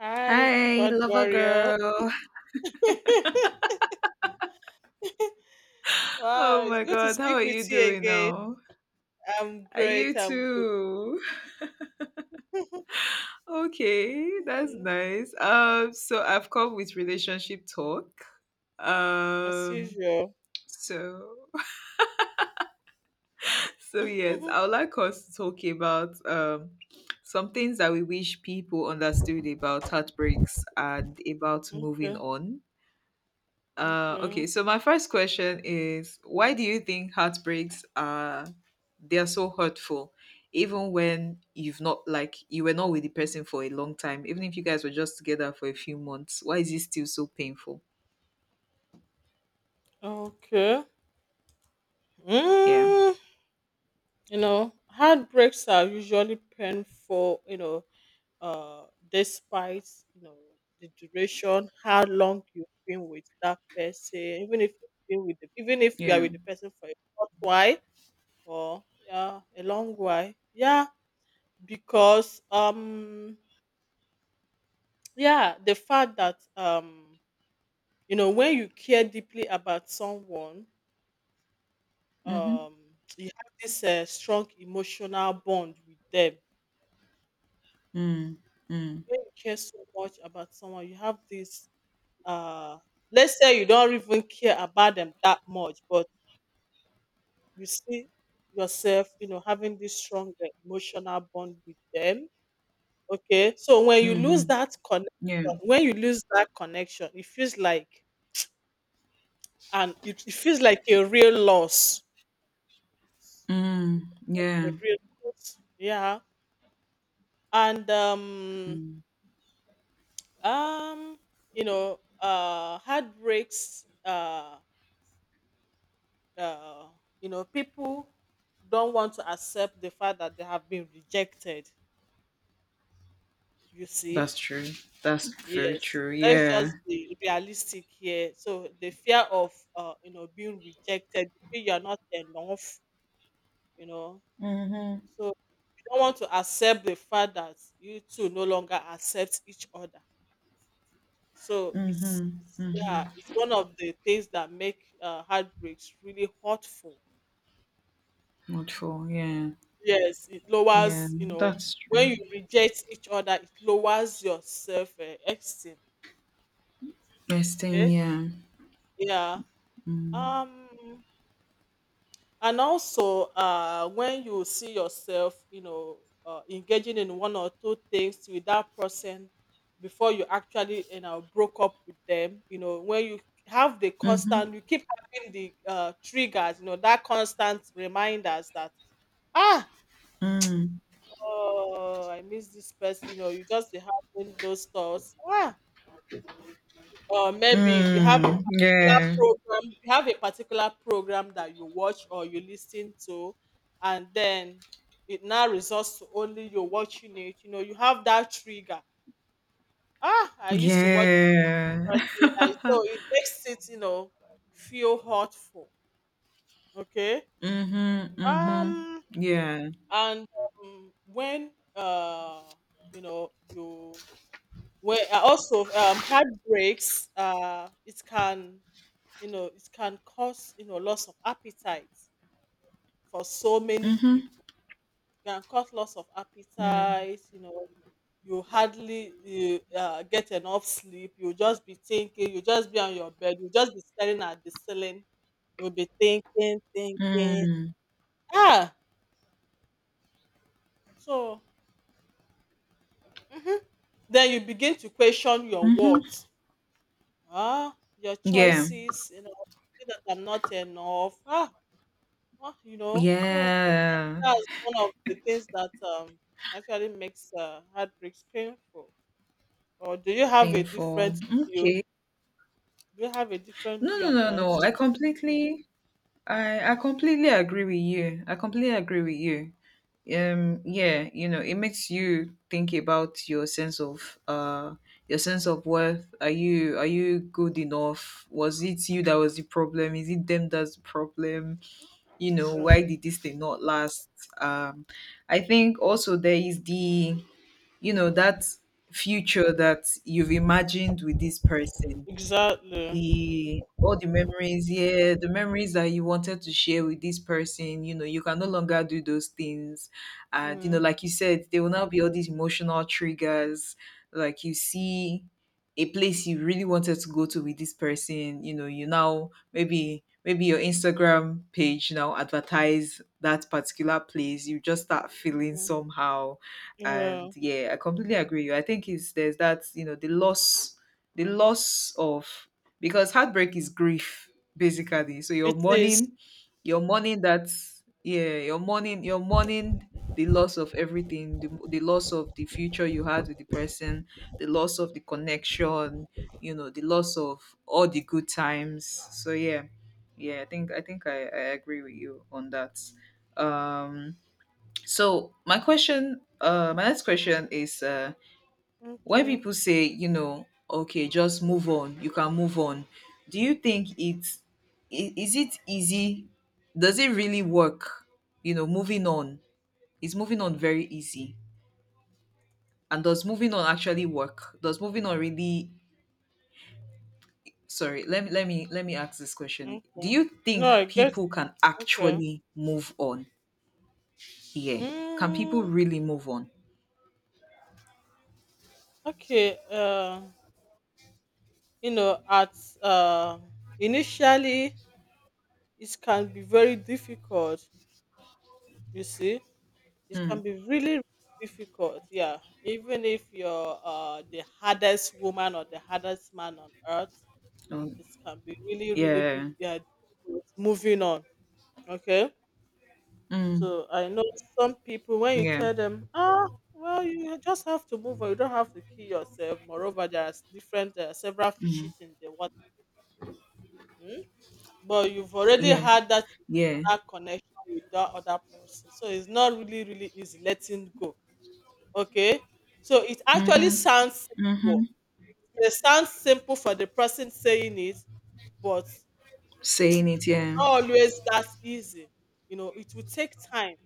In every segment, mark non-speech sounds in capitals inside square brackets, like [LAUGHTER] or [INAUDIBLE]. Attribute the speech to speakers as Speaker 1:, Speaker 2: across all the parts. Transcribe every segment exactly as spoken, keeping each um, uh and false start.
Speaker 1: Hi,
Speaker 2: Hi,
Speaker 1: keyboard
Speaker 2: lover
Speaker 1: warrior.
Speaker 2: girl.
Speaker 1: [LAUGHS]
Speaker 2: [LAUGHS] Oh
Speaker 1: Wow, it's
Speaker 2: my
Speaker 1: good to
Speaker 2: god, how
Speaker 1: speak
Speaker 2: are
Speaker 1: with
Speaker 2: you
Speaker 1: you
Speaker 2: doing
Speaker 1: again.
Speaker 2: now?
Speaker 1: I'm
Speaker 2: Are
Speaker 1: great.
Speaker 2: you
Speaker 1: I'm good.
Speaker 2: too?
Speaker 1: [LAUGHS]
Speaker 2: Okay, that's
Speaker 1: Mhm.
Speaker 2: nice. Um, so I've come with relationship talk.
Speaker 1: As
Speaker 2: Um,
Speaker 1: usual.
Speaker 2: so [LAUGHS]
Speaker 1: [LAUGHS]
Speaker 2: so yes,
Speaker 1: Okay,
Speaker 2: I would like us to talk about um some things that we wish people understood about heartbreaks and about moving on. Uh,
Speaker 1: okay,
Speaker 2: okay, so my first question is, why do you think heartbreaks are they are so hurtful, even when you've not like you were not with the person for a long time, even if you guys were just together for a few months, why is it still so painful?
Speaker 1: okay.
Speaker 2: Yeah.
Speaker 1: Mm, you know, heartbreaks are usually painful. You know, uh, despite you know the duration, how long you've been with that person, even if you've been with, the, even if you are
Speaker 2: Yeah.
Speaker 1: with the person for a short while. Or yeah, a long while. Yeah, because um yeah, the fact that um you know when you care deeply about someone,
Speaker 2: Mm-hmm.
Speaker 1: um you have this uh, strong emotional bond with them.
Speaker 2: Mm. Mm.
Speaker 1: When you care so much about someone, you have this uh let's say you don't even care about them that much, but you see yourself, you know, having this strong uh, emotional bond with them. Okay, so when you lose
Speaker 2: Mm-hmm.
Speaker 1: that connection,
Speaker 2: Yeah.
Speaker 1: when you lose that connection, it feels like, and it, it feels like a real loss.
Speaker 2: Mm. Yeah.
Speaker 1: A real loss. Yeah. And um
Speaker 2: Mm.
Speaker 1: um you know uh heartbreaks, uh uh you know, people don't want to accept the fact that they have been rejected, you see.
Speaker 2: That's true. That's very
Speaker 1: Yes.
Speaker 2: true.
Speaker 1: Let's just
Speaker 2: Yeah.
Speaker 1: be realistic here. So the fear of uh you know being rejected, you feel you're not enough, you know.
Speaker 2: Mm-hmm.
Speaker 1: So you don't want to accept the fact that you two no longer accept each other. So it's,
Speaker 2: Mm-hmm.
Speaker 1: it's yeah,
Speaker 2: Mm-hmm.
Speaker 1: it's one of the things that make uh, heartbreaks really hurtful.
Speaker 2: Not for yeah.
Speaker 1: Yes, it
Speaker 2: Yeah.
Speaker 1: lowers, you know,
Speaker 2: That's true.
Speaker 1: when you reject each other, it lowers your self uh, esteem.
Speaker 2: Yes, thing,
Speaker 1: Okay?
Speaker 2: yeah.
Speaker 1: Yeah. Um. And also uh, when you see yourself, you know, uh, engaging in one or two things with that person before you actually, you know, broke up with them. You know, when you have the
Speaker 2: Mhm.
Speaker 1: constant, you keep having the uh, triggers, you know, that constant reminders that, ah,
Speaker 2: Mm.
Speaker 1: oh, I miss this person. You know, you just be having those thoughts, ah, or maybe you have a
Speaker 2: Mm.
Speaker 1: particular
Speaker 2: Yeah.
Speaker 1: program, you have a particular program that you watch or you listen to, and then it now results to only you watching it. You know, you have that trigger, ah, I used to watch it
Speaker 2: Yeah.
Speaker 1: first thing I, so
Speaker 2: [LAUGHS]
Speaker 1: it makes it, you know, feel hurtful. Okay.
Speaker 2: mhm. Mhm.
Speaker 1: um
Speaker 2: Yeah.
Speaker 1: and um, when uh you know you, when uh, also um heartbreaks, uh it can, you know, it can cause, you know, loss of appetite for so many people. It can cause loss of
Speaker 2: Mm.
Speaker 1: appetite, you know, you hardly you, uh, get enough sleep. You just be thinking, you just be on your bed, you just be staring at the ceiling, you'll be thinking thinking,
Speaker 2: Mm.
Speaker 1: ah, so mhm. Then you begin to question your
Speaker 2: Mhm.
Speaker 1: worth, ah, your
Speaker 2: Yeah.
Speaker 1: choices, you know, "Is that I'm not enough?" Ah, well, you know, so I think
Speaker 2: Yeah.
Speaker 1: that's one of the things that um actually makes uh, heartbreaks painful. Or do you have a
Speaker 2: Painful.
Speaker 1: different view?
Speaker 2: Okay.
Speaker 1: Do you have a different
Speaker 2: No,
Speaker 1: view
Speaker 2: no,
Speaker 1: on
Speaker 2: no,
Speaker 1: that?
Speaker 2: no. I completely, I I completely agree with you. I completely agree with you. Um yeah, you know, it makes you think about your sense of uh your sense of worth. Are you, are you good enough? Was it you that was the problem? Is it them that's the problem? You know, why
Speaker 1: Um,
Speaker 2: did this thing not last? um I think also there is the, you know, that future that you've imagined with this person,
Speaker 1: exactly.
Speaker 2: the all the memories, yeah, the memories that you wanted to share with this person, you know, you can no longer do those things. And you know,
Speaker 1: Mm.
Speaker 2: like you said, there will now be all these emotional triggers. Like, you see a place you really wanted to go to with this person, you know, you now, maybe maybe your Instagram page now advertise that particular place. You just start feeling
Speaker 1: Mm.
Speaker 2: somehow.
Speaker 1: Yeah,
Speaker 2: And yeah, I completely agree with you. I think it's there's that, you know, the loss, the loss of, because heartbreak is grief basically, so you're
Speaker 1: it is.
Speaker 2: mourning, you're mourning that, yeah, you're mourning you're mourning the loss of everything, the, the loss of the future you had with the person, the loss of the connection, you know, the loss of all the good times. So yeah, yeah, i think i think i, I agree with you on that. um so my question, uh my next question is, uh when
Speaker 1: Okay.
Speaker 2: people say, you know, okay, just move on, you can move on, do you think it's, i- is it easy? Does it really work? You know, moving on, is moving on very easy? And does moving on actually work? Does moving on really Sorry, let me let me let me ask this question. Do
Speaker 1: Okay.
Speaker 2: you
Speaker 1: No, I
Speaker 2: think
Speaker 1: guess.
Speaker 2: people can
Speaker 1: Okay.
Speaker 2: actually move on? Yeah, can people
Speaker 1: Mm,
Speaker 2: really move on?
Speaker 1: okay. Uh, you know, at uh, initially it can be very difficult. You see, it
Speaker 2: Hmm.
Speaker 1: can be really, really difficult, yeah. Even if you're uh, the hardest woman or the hardest man on earth,
Speaker 2: Um,
Speaker 1: it can be really, really be-
Speaker 2: yeah,
Speaker 1: yeah, difficult. Moving on, okay.
Speaker 2: mm,
Speaker 1: So I know some people, when you
Speaker 2: yeah,
Speaker 1: tell them, ah, well, you just have to move on. You don't have to kill yourself. Moreover, there are s- different uh, several
Speaker 2: mm,
Speaker 1: fishes in the water, hmm? But you've already
Speaker 2: yeah,
Speaker 1: had that
Speaker 2: yeah,
Speaker 1: emotional connection with that other person, so it's not really, really easy letting go. Okay. So it actually
Speaker 2: mm-hmm.
Speaker 1: sounds simple.
Speaker 2: Mhm.
Speaker 1: It sounds simple for the person saying it, but
Speaker 2: Saying it,
Speaker 1: it's
Speaker 2: yeah.
Speaker 1: not always that easy. You know, it will take time.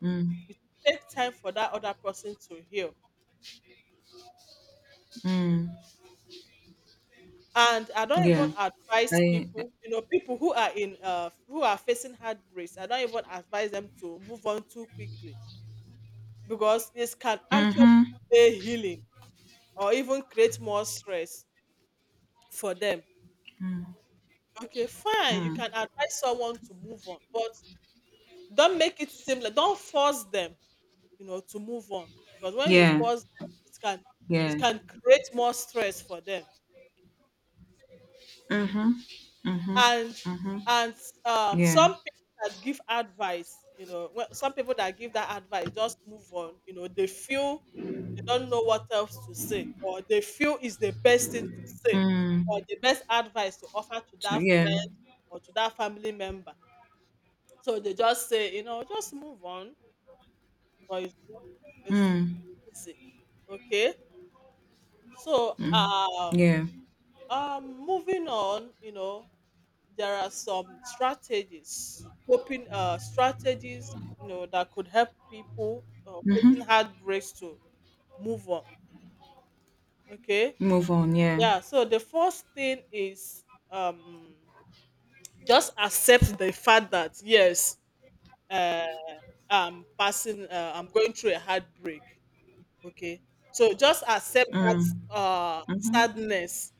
Speaker 2: Mm,
Speaker 1: It will take time for that other person to heal.
Speaker 2: mm,
Speaker 1: And I don't even
Speaker 2: yeah.
Speaker 1: advise
Speaker 2: I,
Speaker 1: people, you know, people who are in uh who are facing heartbreaks, I don't even advise them to move on too quickly because this can actually
Speaker 2: mhm,
Speaker 1: be healing or even create more stress for them. Okay, fine. You
Speaker 2: mm,
Speaker 1: can advise someone to move on, but don't make it seem like, don't force them, you know, to move on. Because when you
Speaker 2: yeah,
Speaker 1: force them, it can,
Speaker 2: yeah.
Speaker 1: it can create more stress for them.
Speaker 2: Mhm, mhm,
Speaker 1: And
Speaker 2: mhm,
Speaker 1: and um,
Speaker 2: yeah.
Speaker 1: some people that give advice, you know, when- some people that give that advice just move on. You know, they feel they don't know what else to say, or they feel is the best thing to say, or
Speaker 2: Mm,
Speaker 1: the best advice to offer to
Speaker 2: so
Speaker 1: that
Speaker 2: yeah.
Speaker 1: friend or to that family member. So they just say, you know, just move on, but it's not always
Speaker 2: Mm,
Speaker 1: easy. Okay. So
Speaker 2: mm,
Speaker 1: um,
Speaker 2: yeah.
Speaker 1: um moving on, you know, there are some strategies, coping uh strategies, you know, that could help people uh,
Speaker 2: Mhm.
Speaker 1: facing heartbreaks to move on. Okay.
Speaker 2: Move on, yeah.
Speaker 1: Yeah. So the first thing is um just accept the fact that yes, uh, I'm passing, uh, I'm going through a heartbreak. Okay. So just accept that
Speaker 2: Mm,
Speaker 1: uh
Speaker 2: mhm,
Speaker 1: sadness.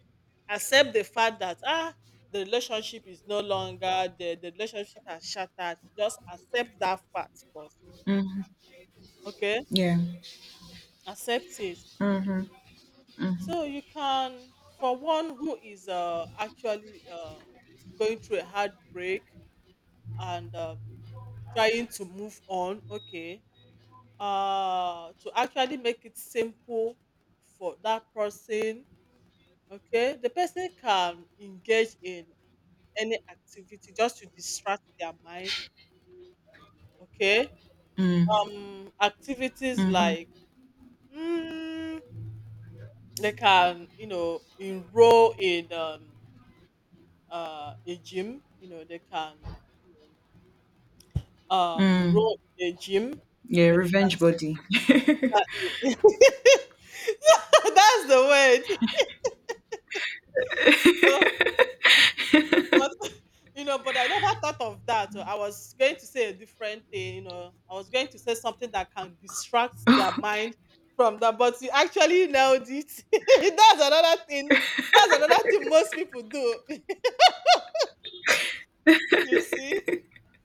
Speaker 1: Accept the fact that, ah, the relationship is no longer there, the relationship has shattered. Just accept that fact first.
Speaker 2: mhm,
Speaker 1: Okay?
Speaker 2: yeah.
Speaker 1: Accept it.
Speaker 2: Mhm, mhm,
Speaker 1: So you can, for one who is uh actually uh going through a heartbreak and um, trying to move on, okay. Uh to actually make it simple for that person. Okay, the person can engage in any activity just to distract their mind. Okay,
Speaker 2: mm,
Speaker 1: um, activities
Speaker 2: mhm,
Speaker 1: like, mm, they can, you know, enroll in um, uh, a gym. You know, they can, you know, uh,
Speaker 2: mm.
Speaker 1: enroll in a gym.
Speaker 2: Yeah,
Speaker 1: Okay, they can
Speaker 2: revenge body. [LAUGHS]
Speaker 1: start- [LAUGHS] that's the word. [LAUGHS] But [LAUGHS] you know, but I never thought of that. So I was going to say a different thing, you know. I was going to say something that can distract their
Speaker 2: Okay.
Speaker 1: mind from that, but you actually nailed it. [LAUGHS] That's another thing. That's another thing most people do. [LAUGHS] You see?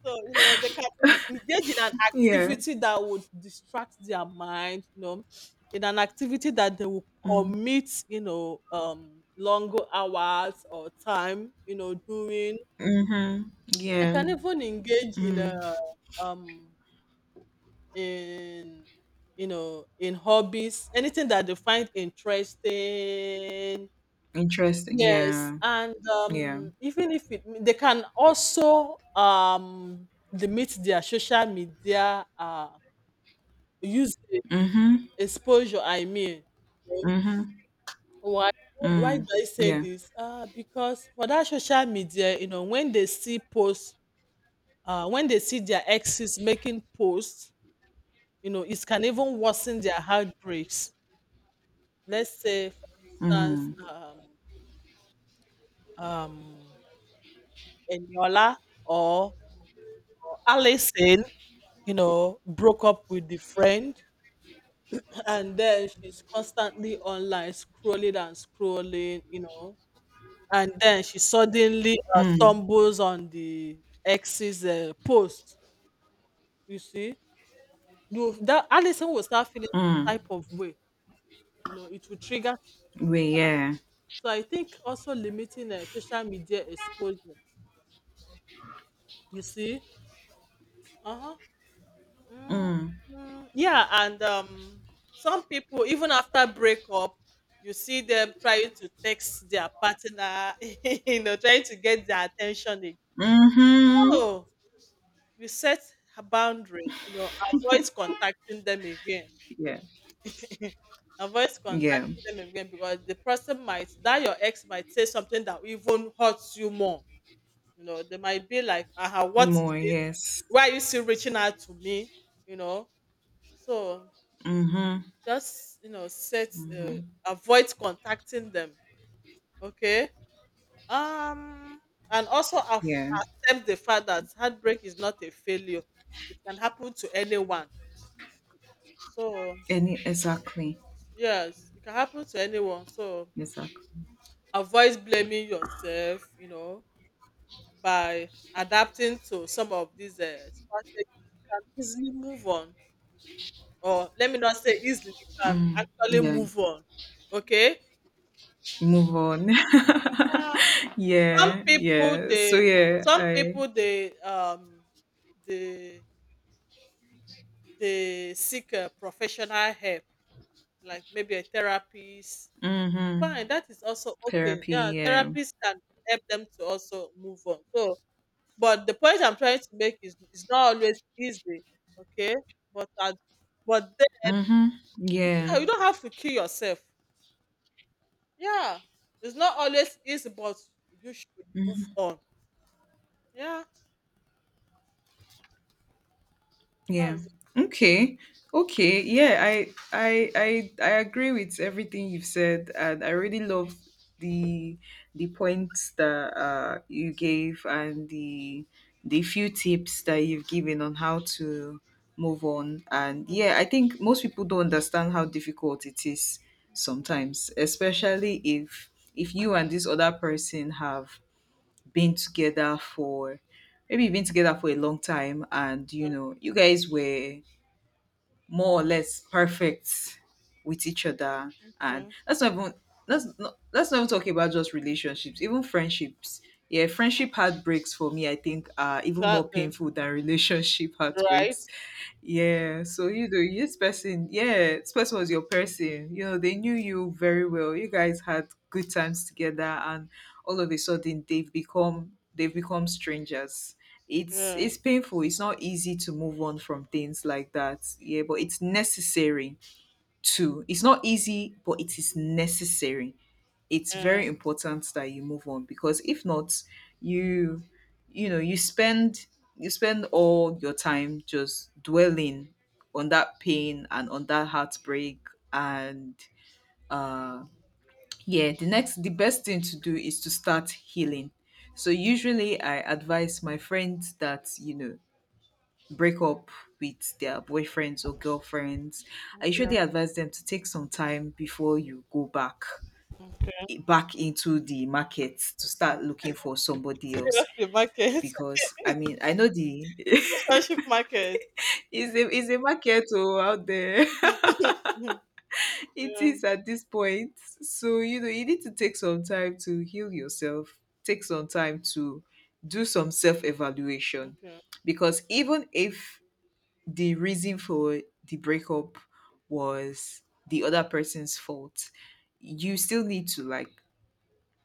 Speaker 1: So, you know, they can en- engage in an
Speaker 2: Yeah.
Speaker 1: activity that would distract their mind, you know, in an activity that they will
Speaker 2: Mm,
Speaker 1: commit, you know, um longer hours or time, you know, doing.
Speaker 2: mhm.
Speaker 1: They
Speaker 2: Yeah.
Speaker 1: can even engage in
Speaker 2: Mm.
Speaker 1: uh, um in, you know, in hobbies, anything that they find interesting.
Speaker 2: Interesting.
Speaker 1: Yes,
Speaker 2: Yeah.
Speaker 1: and
Speaker 2: Yeah.
Speaker 1: um, even if it, they can also um limit their social media uh use
Speaker 2: Mhm.
Speaker 1: exposure. I mean, you know,
Speaker 2: Mhm.
Speaker 1: why why do
Speaker 2: Mm.
Speaker 1: I say
Speaker 2: Yeah.
Speaker 1: this? Uh, because for that social media, you know, when they see posts, uh, when they see their exes making posts, you know, it can even worsen their heartbreaks. Let's say, for instance,
Speaker 2: Mm.
Speaker 1: um, um, Eniola or Alison, you know, broke up with the friend, and then she's constantly online scrolling and scrolling, you know, and then she suddenly uh,
Speaker 2: Mm.
Speaker 1: stumbles on the ex's uh, post. You see, you that Alison will start feeling some
Speaker 2: Mm.
Speaker 1: type of way. You know, it will trigger.
Speaker 2: We yeah.
Speaker 1: So I think also limiting uh, social media exposure. You see? Uh-huh. Mm,
Speaker 2: Mm.
Speaker 1: mm, yeah, and um some people even after breakup, you see them trying to text their partner, [LAUGHS] you know, trying to get their attention again.
Speaker 2: Mhm.
Speaker 1: Oh, you set a boundary, you know, avoid contacting them again.
Speaker 2: Yeah.
Speaker 1: [LAUGHS] Avoid
Speaker 2: Yeah.
Speaker 1: contacting them again, because the person might, that your ex might say something that even hurts you more. You know, they might be like, "Aha, what is
Speaker 2: More
Speaker 1: it?
Speaker 2: yes.
Speaker 1: Why are you still reaching out to me?" You know, so
Speaker 2: Mhm.
Speaker 1: just, you know, set uh, avoid contacting them. Okay, um, and also
Speaker 2: Yeah.
Speaker 1: accept the fact that heartbreak is not a failure. It can happen to anyone. So
Speaker 2: Any exactly.
Speaker 1: yes, it can happen to anyone. So
Speaker 2: Exactly.
Speaker 1: avoid blaming yourself. You know, by adapting to some of these uh, strategies, you can easily move on. Or let me not say easily, you can
Speaker 2: Mm.
Speaker 1: actually
Speaker 2: Yeah.
Speaker 1: move on. Okay?
Speaker 2: Move on.
Speaker 1: Yeah,
Speaker 2: [LAUGHS]
Speaker 1: some
Speaker 2: yeah.
Speaker 1: people
Speaker 2: Yeah. So
Speaker 1: they
Speaker 2: yeah,
Speaker 1: some
Speaker 2: I
Speaker 1: people they um they they seek a professional help, like maybe a therapist.
Speaker 2: mhm.
Speaker 1: Fine, that is also okay. Yeah,
Speaker 2: Therapy, yeah.
Speaker 1: therapists can help them to also move on. So but the point I'm trying to make is it's not always easy. Okay? But at but then
Speaker 2: Mhm. Yeah.
Speaker 1: you don't have to kill yourself. Yeah, it's not always easy, but you should
Speaker 2: Mm-hmm.
Speaker 1: move on. Yeah,
Speaker 2: Yeah.
Speaker 1: that's
Speaker 2: Okay. Okay. Yeah, I I I I agree with everything you've said, and I really love the the points that uh you gave, and the the few tips that you've given on how to move on. And yeah, I think most people don't understand how difficult it is sometimes, especially if if you and this other person have been together for, maybe you've been together for a long time, and you know, you guys were more or less perfect with each other. And
Speaker 1: okay.
Speaker 2: that's not even, that's not let's not even talk about just relationships, even friendships. Yeah, friendship heartbreaks for me, I think, are even more
Speaker 1: Exactly.
Speaker 2: painful than relationship [LAUGHS]
Speaker 1: Right?
Speaker 2: heartbreaks. Yeah, so you know, this person, yeah, this person was your person, you know, they knew you very well, you guys had good times together, and all of a sudden they've become they've become strangers. it's
Speaker 1: Yeah.
Speaker 2: it's painful. It's not easy to move on from things like that. Yeah, but it's necessary too. It's not easy, but it is necessary. It's
Speaker 1: Yeah.
Speaker 2: very important that you move on, because if not, you you know, you spend you spend all your time just dwelling on that pain and on that heartbreak. And uh yeah, the next the best thing to do is to start healing. So usually I advise my friends that, you know, break up with their boyfriends or girlfriends, I
Speaker 1: Okay.
Speaker 2: usually advise them to take some time before you go back, eh, back into the market to start looking for somebody else,
Speaker 1: Seriously, market.
Speaker 2: because I mean, I know the [LAUGHS]
Speaker 1: [LAUGHS] Relationship market.
Speaker 2: it's a it's a market oh, out there.
Speaker 1: [LAUGHS]
Speaker 2: [LAUGHS]
Speaker 1: Yeah.
Speaker 2: It is at this point. So you know, you need to take some time to heal yourself, take some time to do some self evaluation,
Speaker 1: Okay.
Speaker 2: because even if the reason for the breakup was the other person's fault, you still need to like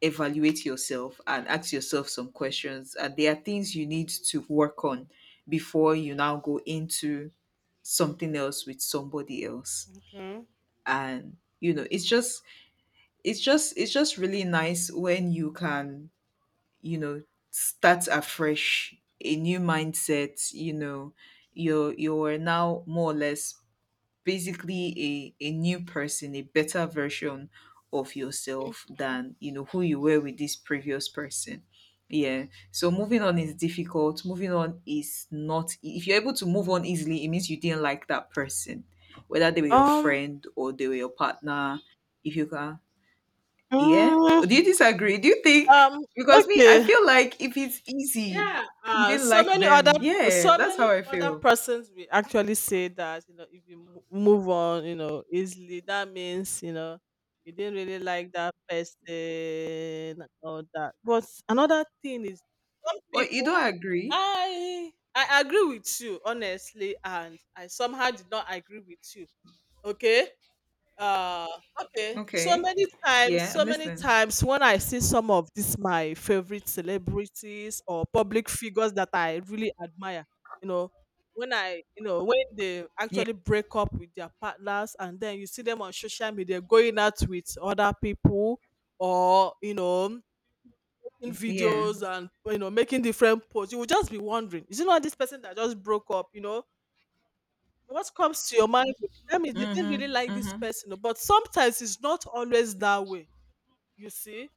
Speaker 2: evaluate yourself and ask yourself some questions, and there are things you need to work on before you now go into something else with somebody else.
Speaker 1: Okay.
Speaker 2: And you know, it's just it's just it's just really nice when you can, you know, start afresh, a new mindset, you know. You're you're now more or less basically a, a new person, a better version of
Speaker 1: Mm.
Speaker 2: yourself than, you know, who you were with this previous person. Yeah. So moving on is difficult. Moving on is not e- if you're able to move on easily, it means you didn't like that person, whether they were your
Speaker 1: Um.
Speaker 2: friend or they were your partner. If you can, yeah.
Speaker 1: Mm,
Speaker 2: Do you disagree? Do you think,
Speaker 1: um.
Speaker 2: because me, I
Speaker 1: Okay.
Speaker 2: feel like if it's easy,
Speaker 1: Yeah,
Speaker 2: you
Speaker 1: uh,
Speaker 2: didn't
Speaker 1: so
Speaker 2: like
Speaker 1: many other
Speaker 2: them. Yeah,
Speaker 1: so
Speaker 2: that's
Speaker 1: many
Speaker 2: how I
Speaker 1: other
Speaker 2: feel.
Speaker 1: persons will actually say that, you know, if you mo- move on, you know, easily, that means you know you didn't really like that person and all that. But another thing is some
Speaker 2: Well, you
Speaker 1: people,
Speaker 2: don't agree.
Speaker 1: I I agree with you honestly, and I somehow did not agree with you. Okay, uh, okay. So
Speaker 2: Okay.
Speaker 1: many times,
Speaker 2: Yeah, I'm
Speaker 1: so many
Speaker 2: listening.
Speaker 1: times when I see some of these my favorite celebrities or public figures that I really admire, you know, when I, you know, when they
Speaker 2: Yeah,
Speaker 1: actually break up with their partners and then you see them on social media going out with other people or, you know, in
Speaker 2: yeah.
Speaker 1: videos and, you know, making different posts, you will just be wondering, is it not this person that just broke up, you know? What comes to your mind will be that they didn't
Speaker 2: Mm-hmm.
Speaker 1: really like this
Speaker 2: Mm-hmm.
Speaker 1: person oh. But sometimes it's not always that way, you see.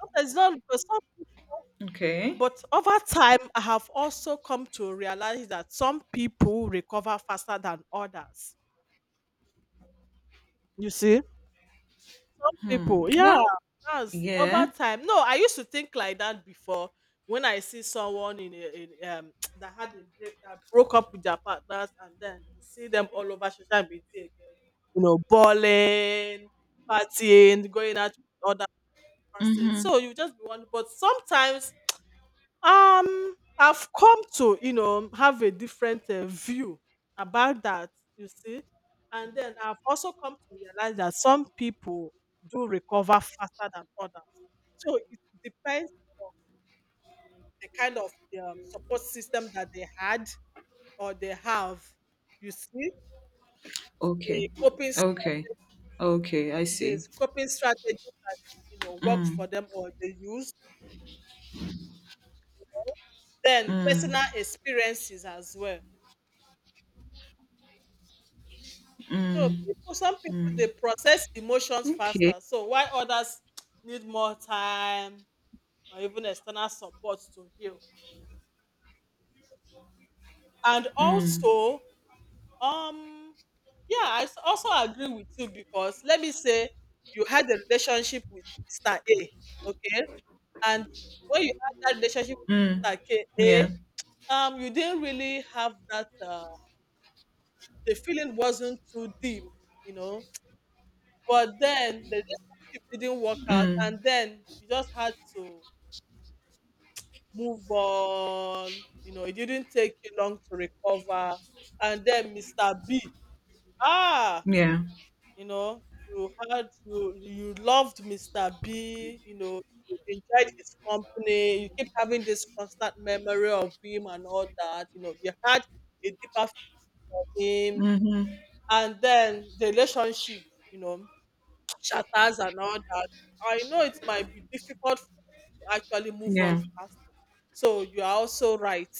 Speaker 1: Sometimes it's not because some people
Speaker 2: Okay.
Speaker 1: but over time I have also come to realize that some people recover faster than others, you see. Some
Speaker 2: Hmm.
Speaker 1: people, yeah,
Speaker 2: Well,
Speaker 1: that's over
Speaker 2: yeah.
Speaker 1: time. No, I used to think like that before when I see someone in a, in um [TSK] that had a break that broke up with their partners and then you see them all over social media again, you know, balling, partying, going out with other person,
Speaker 2: Mm-hmm.
Speaker 1: so you just be wondering. But sometimes um, I've come to, you know, have a different uh, view about that, you see. And then I've also come to realize that some people do recover faster than others. So it depends on the kind of um, support system that they had or they have, you see, the
Speaker 2: Okay.
Speaker 1: coping
Speaker 2: Okay.
Speaker 1: strategy,
Speaker 2: Okay, I see.
Speaker 1: the coping strategies that, you know, worked for
Speaker 2: Mm.
Speaker 1: them or they used. Then
Speaker 2: Mm.
Speaker 1: personal experiences as well. So people, some people they process emotions
Speaker 2: Okay.
Speaker 1: faster. So while others need more time or even external support to heal. And
Speaker 2: Mm.
Speaker 1: also, um, yeah, I s- also agree with you because let me say you had a relationship with mister A, okay, and when you had that relationship
Speaker 2: Mm.
Speaker 1: with mister K,
Speaker 2: Yeah.
Speaker 1: A, um, you didn't really have that. Uh, the feeling wasn't too deep, you know. But then the relationship didn't work out, and
Speaker 2: Mm.
Speaker 1: then you just had to move on. You know, it didn't take you long to recover. And then mister B, ah,
Speaker 2: Yeah.
Speaker 1: you know, you had you you loved mister B. You know, you enjoyed his company. You keep having this constant memory of him and all that. You know, you had a deeper for him,
Speaker 2: Mm-hmm.
Speaker 1: and then the relationship, you know, [TSK] shatters and all that. I know it might be difficult to actually move on
Speaker 2: Yeah.
Speaker 1: faster. So you are also right.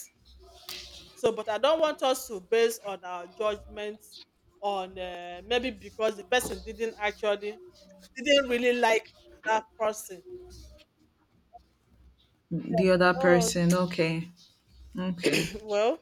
Speaker 1: So, but I don't want us to base on our judgment on uh, maybe because the person didn't actually didn't really like that person.
Speaker 2: The other
Speaker 1: Oh.
Speaker 2: person. Okay. Okay.
Speaker 1: [LAUGHS] [CLEARS THROAT] Well,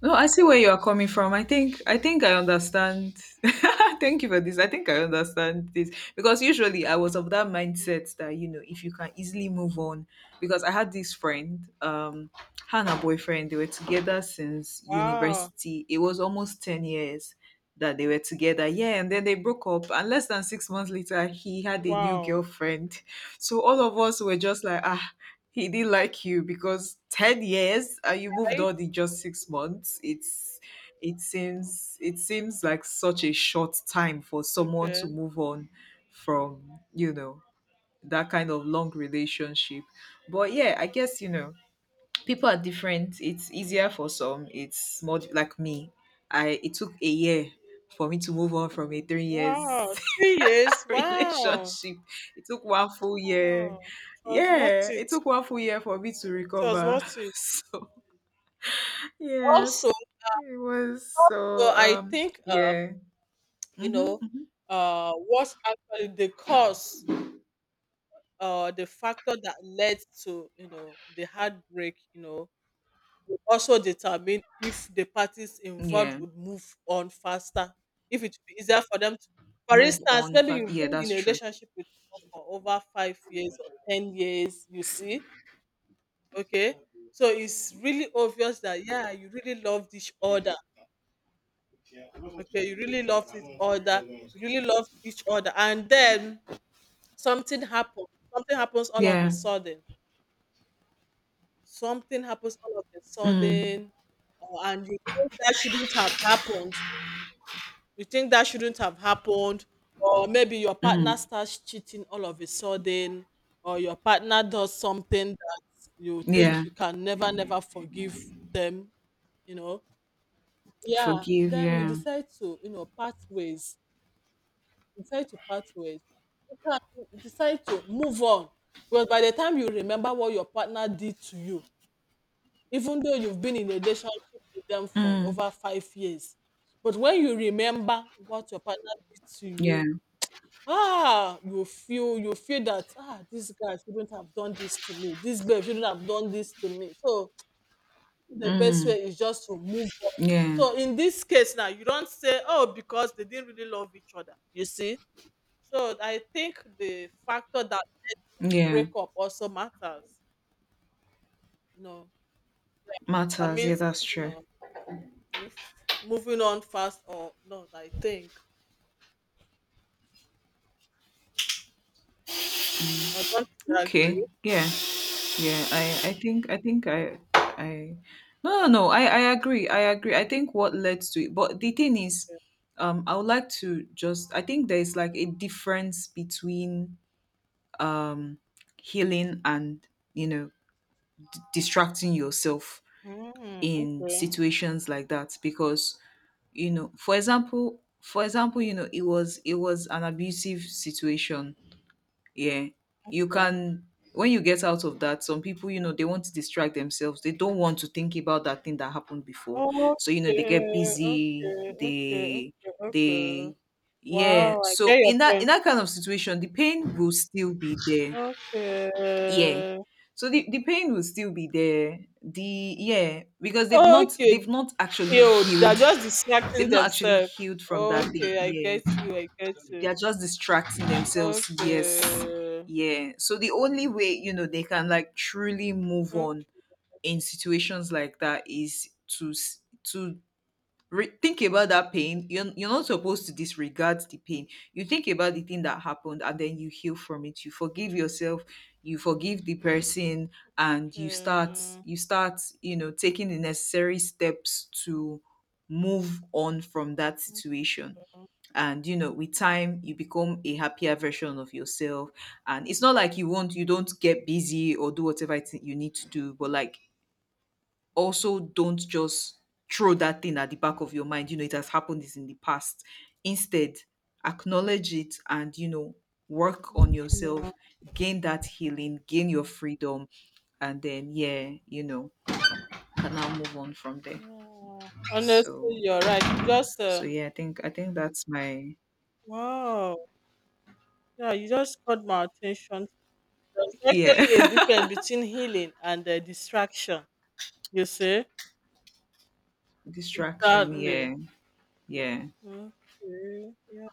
Speaker 2: No, I see where you are coming from. I think I think I understand. [LAUGHS] Thank you for this. I think I understand this because usually I was of that mindset that, you know, if you can easily move on, because I had this friend, um, her and her boyfriend, they were together since
Speaker 1: wow,
Speaker 2: university. It was almost ten years that they were together. Yeah, and then they broke up, and less than six months later, he had a new
Speaker 1: wow,
Speaker 2: girlfriend. So all of us were just like, ah, he didn't like you, because ten years and you moved
Speaker 1: right?
Speaker 2: on in just six months. It's it seems, it seems like such a short time for someone
Speaker 1: Okay,
Speaker 2: to move on from, you know, that kind of long relationship. But yeah, I guess, you know, people are different. It's easier for some. It's more like me. I, it took a year for me to move on from a three
Speaker 1: wow,
Speaker 2: years
Speaker 1: three years,
Speaker 2: [LAUGHS]
Speaker 1: wow,
Speaker 2: relationship. It took one full year.
Speaker 1: wow. It was worth
Speaker 2: Yeah, it
Speaker 1: it.
Speaker 2: took one full year for me to
Speaker 1: It was
Speaker 2: recover.
Speaker 1: worth
Speaker 2: [LAUGHS]
Speaker 1: it.
Speaker 2: So
Speaker 1: Also,
Speaker 2: yes, it was
Speaker 1: also,
Speaker 2: so
Speaker 1: I
Speaker 2: um
Speaker 1: think uh,
Speaker 2: yeah.
Speaker 1: you
Speaker 2: Hmm.
Speaker 1: know uh, what actually the cause uh, the factor that led to, you know, the heartbreak, you know, will also determine if the parties involved
Speaker 2: Yeah.
Speaker 1: would move on faster, if it would be easier for them to. For
Speaker 2: Move
Speaker 1: instance,
Speaker 2: on
Speaker 1: maybe
Speaker 2: fast.
Speaker 1: you've
Speaker 2: Yeah,
Speaker 1: been
Speaker 2: that's
Speaker 1: in a
Speaker 2: true.
Speaker 1: relationship with someone for over five years or ten years, you see. Okay, so it's really obvious that yeah, you really loved each other. Okay, you really loved each other, you really loved each other, and then something happens, something happens all of a
Speaker 2: Yeah.
Speaker 1: sudden. Something happens all of a
Speaker 2: Mm.
Speaker 1: sudden, or and you think that shouldn't have happened. You think that shouldn't have happened, or maybe your partner
Speaker 2: Mm.
Speaker 1: starts cheating all of a sudden, or your partner does something that you think
Speaker 2: Yeah.
Speaker 1: you can never, never forgive them, you know. Yeah,
Speaker 2: Forgive,
Speaker 1: then you
Speaker 2: yeah.
Speaker 1: decide to, you know, part ways. Decide to part ways. You can decide to move on. Because by the time you remember what your partner did to you, even though you've been in a relationship with them for
Speaker 2: Mm.
Speaker 1: over five years. But when you remember what your partner did to
Speaker 2: Yeah.
Speaker 1: you, ah, you feel you feel that ah, this guy shouldn't have done this to me. This babe shouldn't have done this to me. So the best
Speaker 2: Mm.
Speaker 1: way is just to move on.
Speaker 2: Yeah.
Speaker 1: So in this case now, you don't say, oh, because they didn't really love each other. You see? So I think the factor that the
Speaker 2: Yeah.
Speaker 1: breakup also matters. You know, that
Speaker 2: Matters, yeah,
Speaker 1: means,
Speaker 2: that's
Speaker 1: you
Speaker 2: true.
Speaker 1: know, if moving on fast or not, I think. Or don't you agree?
Speaker 2: Okay. Yeah. Yeah, I, I think I think I I no, no, no, I, I agree, I agree. I think what led to it, but the thing is, um I would like to just, I think there is like a difference between um healing and, you know, distracting yourself
Speaker 1: Mm,
Speaker 2: in
Speaker 1: okay,
Speaker 2: situations like that, because, you know, for example for example you know, it was it was an abusive situation. Yeah, you
Speaker 1: okay.
Speaker 2: can, when you get out of that, some people, you know, they want to distract themselves, they don't want to think about that thing that happened before. So you know, they get
Speaker 1: Okay,
Speaker 2: busy,
Speaker 1: okay, okay,
Speaker 2: they
Speaker 1: okay, okay.
Speaker 2: they, yeah.
Speaker 1: Wow, I get
Speaker 2: So
Speaker 1: your
Speaker 2: in that in
Speaker 1: point.
Speaker 2: that kind of situation, the pain will still be there.
Speaker 1: Okay.
Speaker 2: Yeah, so the, the pain will still be there, the yeah, because they've not
Speaker 1: Okay.
Speaker 2: they've not actually
Speaker 1: Yo, they're
Speaker 2: healed.
Speaker 1: just distracting
Speaker 2: They've not actually
Speaker 1: themselves.
Speaker 2: healed from that thing.
Speaker 1: Okay, I get
Speaker 2: Yeah,
Speaker 1: you, I get
Speaker 2: they
Speaker 1: you.
Speaker 2: are just distracting themselves. Yes,
Speaker 1: Okay.
Speaker 2: yeah. So the only way, you know, they can like truly move
Speaker 1: Okay.
Speaker 2: on in situations like that is to s- to re- think about that pain. you're, you're not supposed to disregard the pain. You think about the thing that happened, and then you heal from it. You forgive yourself, you forgive the person, and you start
Speaker 1: Okay.
Speaker 2: you start you know, taking the necessary steps to move on from that situation. And you know, with time, you become a happier version of yourself. And it's not like you won't, you don't get busy or do whatever it is you need to do, but like, also don't just throw that thing at the back of your mind, you know, it has happened this in the past. Instead, acknowledge it, and you know, work on yourself. Gain that healing, gain your freedom. And then, yeah, you know, can now move on from there.
Speaker 1: Yeah. Honestly,
Speaker 2: so
Speaker 1: you're right. You just
Speaker 2: so
Speaker 1: uh,
Speaker 2: yeah, i think i think that's my...
Speaker 1: Wow. Yeah, you just caught my attention. There's
Speaker 2: Yeah.
Speaker 1: actually a difference between healing and uh, distraction, you see?
Speaker 2: [LAUGHS] Distraction,
Speaker 1: Sadly.
Speaker 2: yeah. Yeah,
Speaker 1: Okay. Yeah,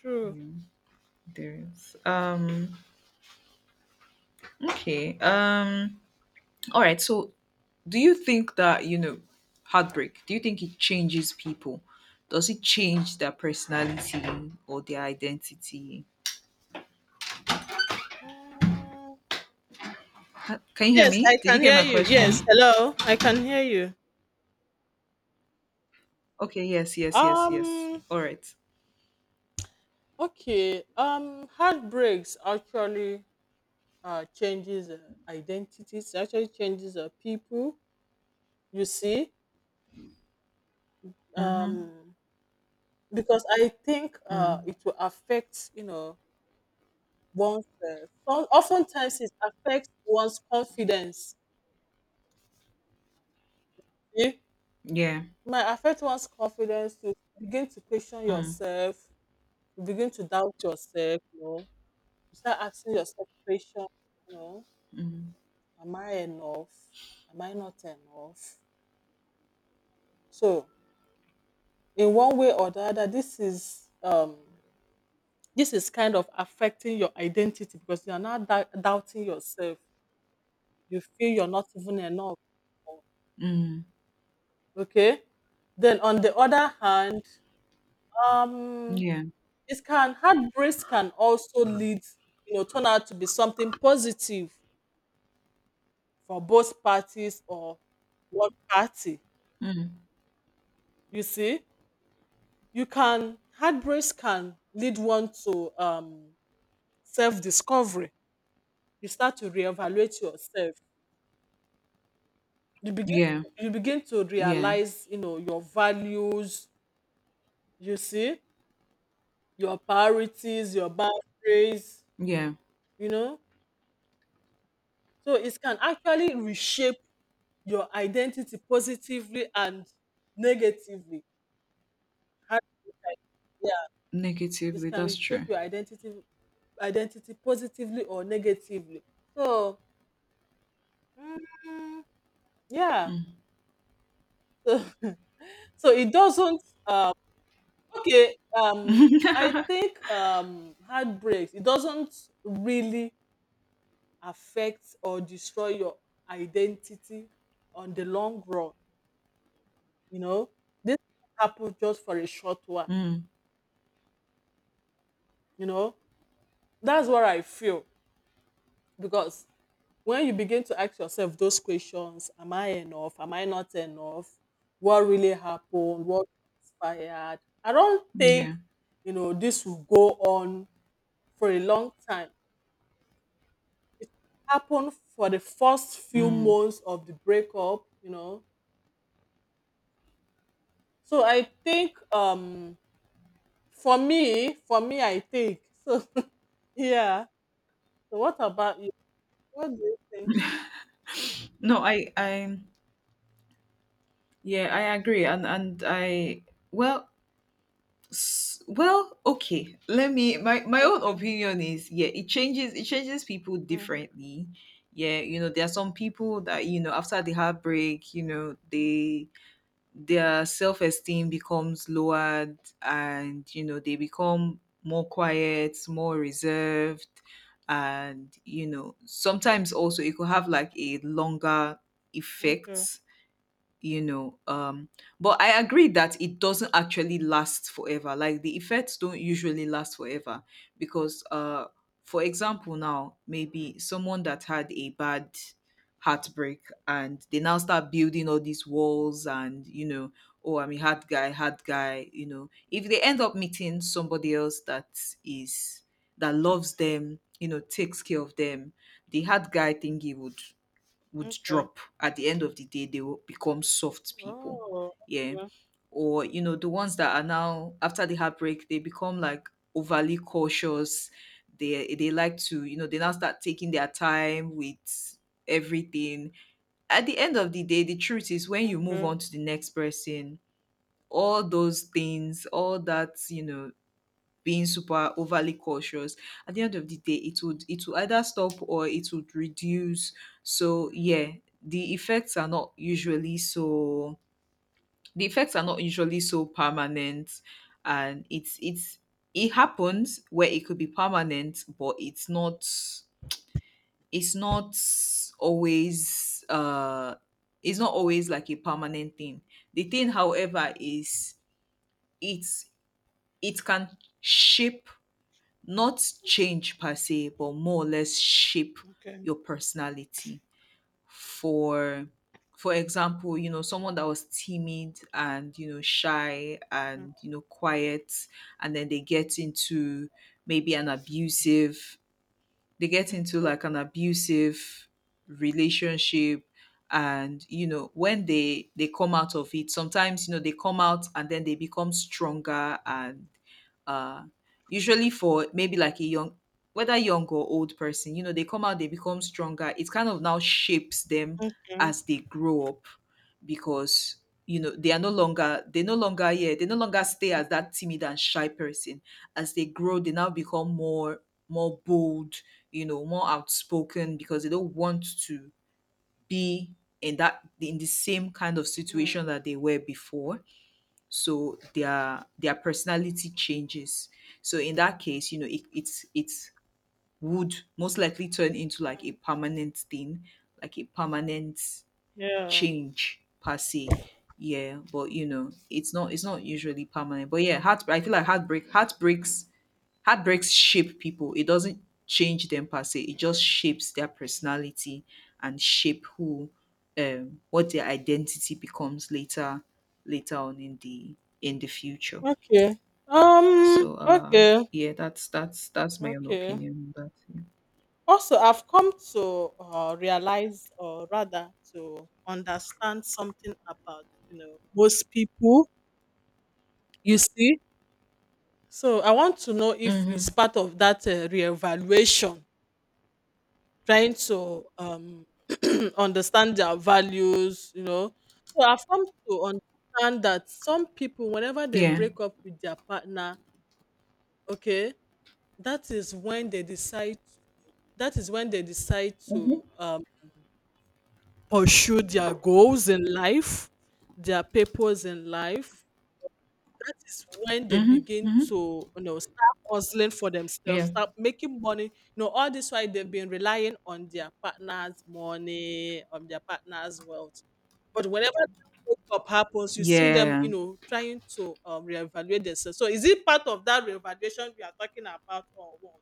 Speaker 1: true.
Speaker 2: yeah, there is. Um, okay. Um, all right. So, do you think that, you know, heartbreak? Do you think it changes people? Does it change their personality or their identity?
Speaker 1: Mm.
Speaker 2: Ha- Can you hear
Speaker 1: Yes,
Speaker 2: me?
Speaker 1: I
Speaker 2: Did
Speaker 1: can
Speaker 2: you get
Speaker 1: hear
Speaker 2: my
Speaker 1: you. Yes,
Speaker 2: question?
Speaker 1: hello. I can hear you.
Speaker 2: Okay. Yes. Yes. Yes. Yes.
Speaker 1: Um,
Speaker 2: All right.
Speaker 1: okay. Um, heartbreaks actually uh, changes uh, identities, actually changes uh, people, you see?
Speaker 2: Mm-hmm.
Speaker 1: Um, because I think uh,
Speaker 2: Mm.
Speaker 1: it will affect, you know, oneself. So oftentimes it affects one's confidence. Yeah.
Speaker 2: Yeah.
Speaker 1: Might affect one's confidence to begin to question
Speaker 2: Mm.
Speaker 1: yourself, you begin to doubt yourself, you know. You start asking yourself questions, you know,
Speaker 2: Mm.
Speaker 1: am I enough? Am I not enough? So in one way or the other, this is um this is kind of affecting your identity because you are now dou- doubting yourself. You feel you're not even enough.
Speaker 2: Mm.
Speaker 1: Okay. Then on the other hand, um,
Speaker 2: Yeah.
Speaker 1: it can heartbreaks can also lead, you know, turn out to be something positive for both parties or one party,
Speaker 2: Mm.
Speaker 1: you see. You can heartbreaks can lead one to um self-discovery, you start to reevaluate yourself, you begin
Speaker 2: Yeah.
Speaker 1: you begin to
Speaker 2: Yeah.
Speaker 1: realize, you know, your values, you see, your priorities, your boundaries,
Speaker 2: Yeah.
Speaker 1: you know, so it can actually reshape your identity positively and negatively. How- Yeah, it
Speaker 2: Negatively.
Speaker 1: can
Speaker 2: That's
Speaker 1: reshape
Speaker 2: true.
Speaker 1: your identity identity positively or negatively. So mm, yeah,
Speaker 2: Mm.
Speaker 1: [LAUGHS] so, so it doesn't. Um, okay, um, I think um, heartbreaks, it doesn't really affect or destroy your identity on the long run. You know, this happened just for a short while.
Speaker 2: Mm.
Speaker 1: You know, that's what I feel because when you begin to ask yourself those questions, am I enough, am I not enough, what really happened, what transpired, I don't think,
Speaker 2: Yeah.
Speaker 1: you know, this will go on for a long time. It happened for the first few
Speaker 2: Mm.
Speaker 1: months of the breakup, you know. So I think um, for me for me I think so. [LAUGHS] Yeah, so what about you, what do you think?
Speaker 2: No, I, I, yeah, I agree, and and I, well, s- well, okay. Let me. My my own
Speaker 1: Okay,
Speaker 2: opinion is, yeah, it changes. It changes people
Speaker 1: mm,
Speaker 2: differently. Yeah, you know, there are some people that, you know, after the heartbreak, you know, they, their self esteem becomes lowered, and you know, they become more quiet, more reserved, and you know, sometimes also it could have like a longer
Speaker 1: okay,
Speaker 2: effect, you know um but I agree that it doesn't actually last forever, like the effects don't usually last forever, because uh for example, now maybe someone that had a bad heartbreak, and they now start building all these walls, and you know, oh, I'm a hard guy, hard guy, you know. If they end up meeting somebody else that is that loves them, you know, takes care of them, the hard guy thingy would would
Speaker 1: okay,
Speaker 2: drop. At the end of the day, they will become soft people.
Speaker 1: oh.
Speaker 2: Yeah, or you know, the ones that are now after the heartbreak, they become like overly cautious, they they like to, you know, they now start taking their time with everything. At the end of the day, the truth is, when you move
Speaker 1: Okay,
Speaker 2: on to the next person, all those things, all that, you know, being super overly cautious, at the end of the day, it would it would either stop, or it would reduce. So yeah, the effects are not usually so the effects are not usually so permanent. And it's it's it happens where it could be permanent, but it's not it's not always, uh it's not always like a permanent thing. The thing, however, is, it's it can shape, not change per se, but more or less shape
Speaker 1: okay,
Speaker 2: your personality. For for example, you know, someone that was timid and, you know, shy
Speaker 1: okay.
Speaker 2: and, you know, quiet, and then they get into maybe an abusive, they get into like an abusive relationship, and you know, when they they come out of it, sometimes, you know, they come out and then they become stronger, and uh usually, for maybe like a young, whether young or old person, you know, they come out, they become stronger, it kind of now shapes them as they grow up, because you know, they are no longer they no longer yeah they no longer stay as that timid and shy person. As they grow, they now become more more bold, you know, more outspoken, because they don't want to be in that in the same kind of situation
Speaker 1: Mm,
Speaker 2: that they were before. So their their personality changes. So in that case, you know, it it's it's would most likely turn into like a permanent thing, like a permanent
Speaker 1: yeah.
Speaker 2: change per se. Yeah, but you know, it's not it's not usually permanent. But yeah, heart I feel like heartbreak heartbreaks heartbreaks shape people. It doesn't change them per se. It just shapes their personality, and shape who, um what their identity becomes later later on in the in the future.
Speaker 1: Okay. Um.
Speaker 2: So uh
Speaker 1: Okay.
Speaker 2: yeah, that's that's that's my own
Speaker 1: Okay.
Speaker 2: opinion on that.
Speaker 1: Also, I've come to uh, realize, or rather, to understand something about, you know, most people. You see, so I want to know
Speaker 2: Yeah.
Speaker 1: if it's
Speaker 2: Mm-hmm.
Speaker 1: part of that uh, reevaluation, trying to um [CLEARS THROAT] understand their values. You know, so I've come to understand that some people, whenever they
Speaker 2: Yeah.
Speaker 1: break up with their partner, okay, that is when they decide that is when they decide
Speaker 2: Mm-hmm.
Speaker 1: to um, pursue their goals in life, their purpose in life. That is when they
Speaker 2: Mm-hmm.
Speaker 1: begin
Speaker 2: Mm-hmm.
Speaker 1: to, you know, start hustling for themselves,
Speaker 2: Yeah.
Speaker 1: start making money. You know, all this while they've been relying on their partner's money, on their partner's wealth. But whenever that breakup happens, you see them,
Speaker 2: Yeah.
Speaker 1: you know, trying to um, reevaluate themselves. So is it part of that reevaluation we are talking about or what?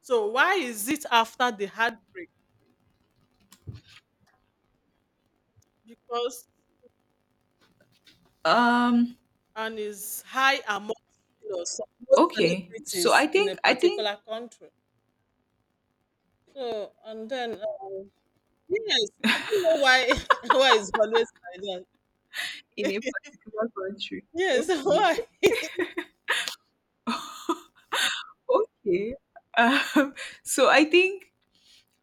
Speaker 1: So why is it after the heartbreak? Because
Speaker 2: Um
Speaker 1: and is high among, you know, some- most
Speaker 2: Okay. So I
Speaker 1: celebrities in a
Speaker 2: think I think
Speaker 1: particular country. So and then um, yes, I don't know why [LAUGHS] why it's always like
Speaker 2: in a
Speaker 1: that. [LAUGHS]
Speaker 2: particular country.
Speaker 1: Yes, [LAUGHS]
Speaker 2: Okay.
Speaker 1: why?
Speaker 2: Okay. Um, [LAUGHS] so I think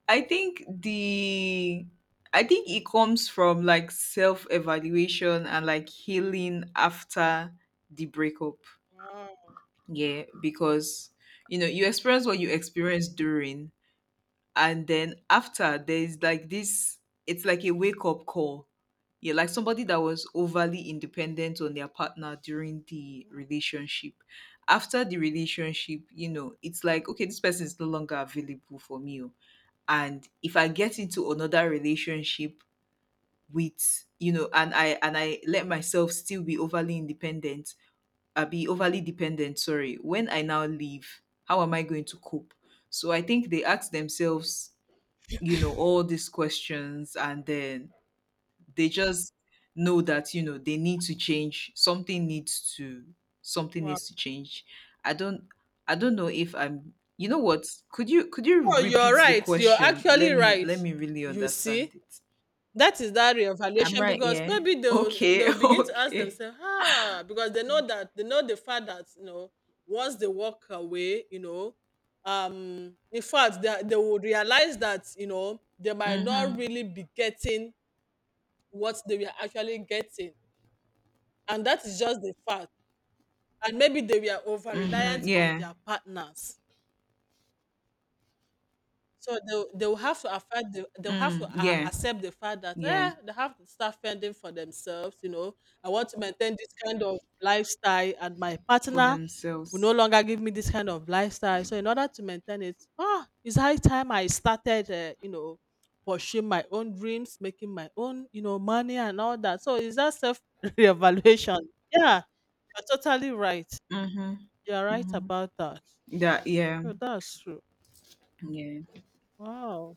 Speaker 2: I think the I think it comes from like self-evaluation and like healing after the breakup.
Speaker 1: Wow,
Speaker 2: Yeah, because you know, you experience what you experienced during, and then after, there's like this it's like a wake up call. Yeah, like somebody that was overly independent on their partner during the relationship, after the relationship, you know, it's like, okay, this person is no longer available for me. Oh. And if I get into another relationship with, you know, and i and i let myself still be overly independent, I be overly dependent, sorry, when I now leave, how am I going to cope? So I think they ask themselves, you know, all these questions, and then they just know that, you know, they need to change. something needs to something
Speaker 1: wow.
Speaker 2: needs to change. I don't i don't know if I'm, you know what, could you could you
Speaker 1: Oh, you're
Speaker 2: repeat the
Speaker 1: right. You're
Speaker 2: question?
Speaker 1: actually
Speaker 2: let me
Speaker 1: right.
Speaker 2: let me really
Speaker 1: You
Speaker 2: understand
Speaker 1: see,
Speaker 2: it.
Speaker 1: that is that
Speaker 2: I'm
Speaker 1: reevaluation
Speaker 2: right,
Speaker 1: because
Speaker 2: yeah.
Speaker 1: maybe they'll
Speaker 2: Okay.
Speaker 1: they'll
Speaker 2: [LAUGHS]
Speaker 1: begin to ask
Speaker 2: Okay.
Speaker 1: themselves, ah, because they know that they know the fact that, you know, once they walk away, you know, um, in fact they they will realize that, you know, they might not
Speaker 2: Mhm.
Speaker 1: really be getting what they were actually getting, and that is just the fact. And maybe they were over
Speaker 2: Mhm.
Speaker 1: reliant
Speaker 2: Yeah.
Speaker 1: on their partners. So they'll they'll have to affect the they'll have to
Speaker 2: Mm,
Speaker 1: uh,
Speaker 2: yeah.
Speaker 1: accept the fact that
Speaker 2: Yeah.
Speaker 1: eh, they have to start fending for themselves. You know, I want to maintain this kind of lifestyle, and my
Speaker 2: For
Speaker 1: partner will no
Speaker 2: themselves.
Speaker 1: longer give me this kind of lifestyle. So in order to maintain it, ah, it's high time I started. Uh, you know, pursuing my own dreams, making my own, you know, money and all that. So is that self [LAUGHS] reevaluation? Yeah, you're totally right.
Speaker 2: Mhm.
Speaker 1: You're right
Speaker 2: Mhm.
Speaker 1: about that.
Speaker 2: That, yeah.
Speaker 1: So that's true.
Speaker 2: Yeah.
Speaker 1: Wow.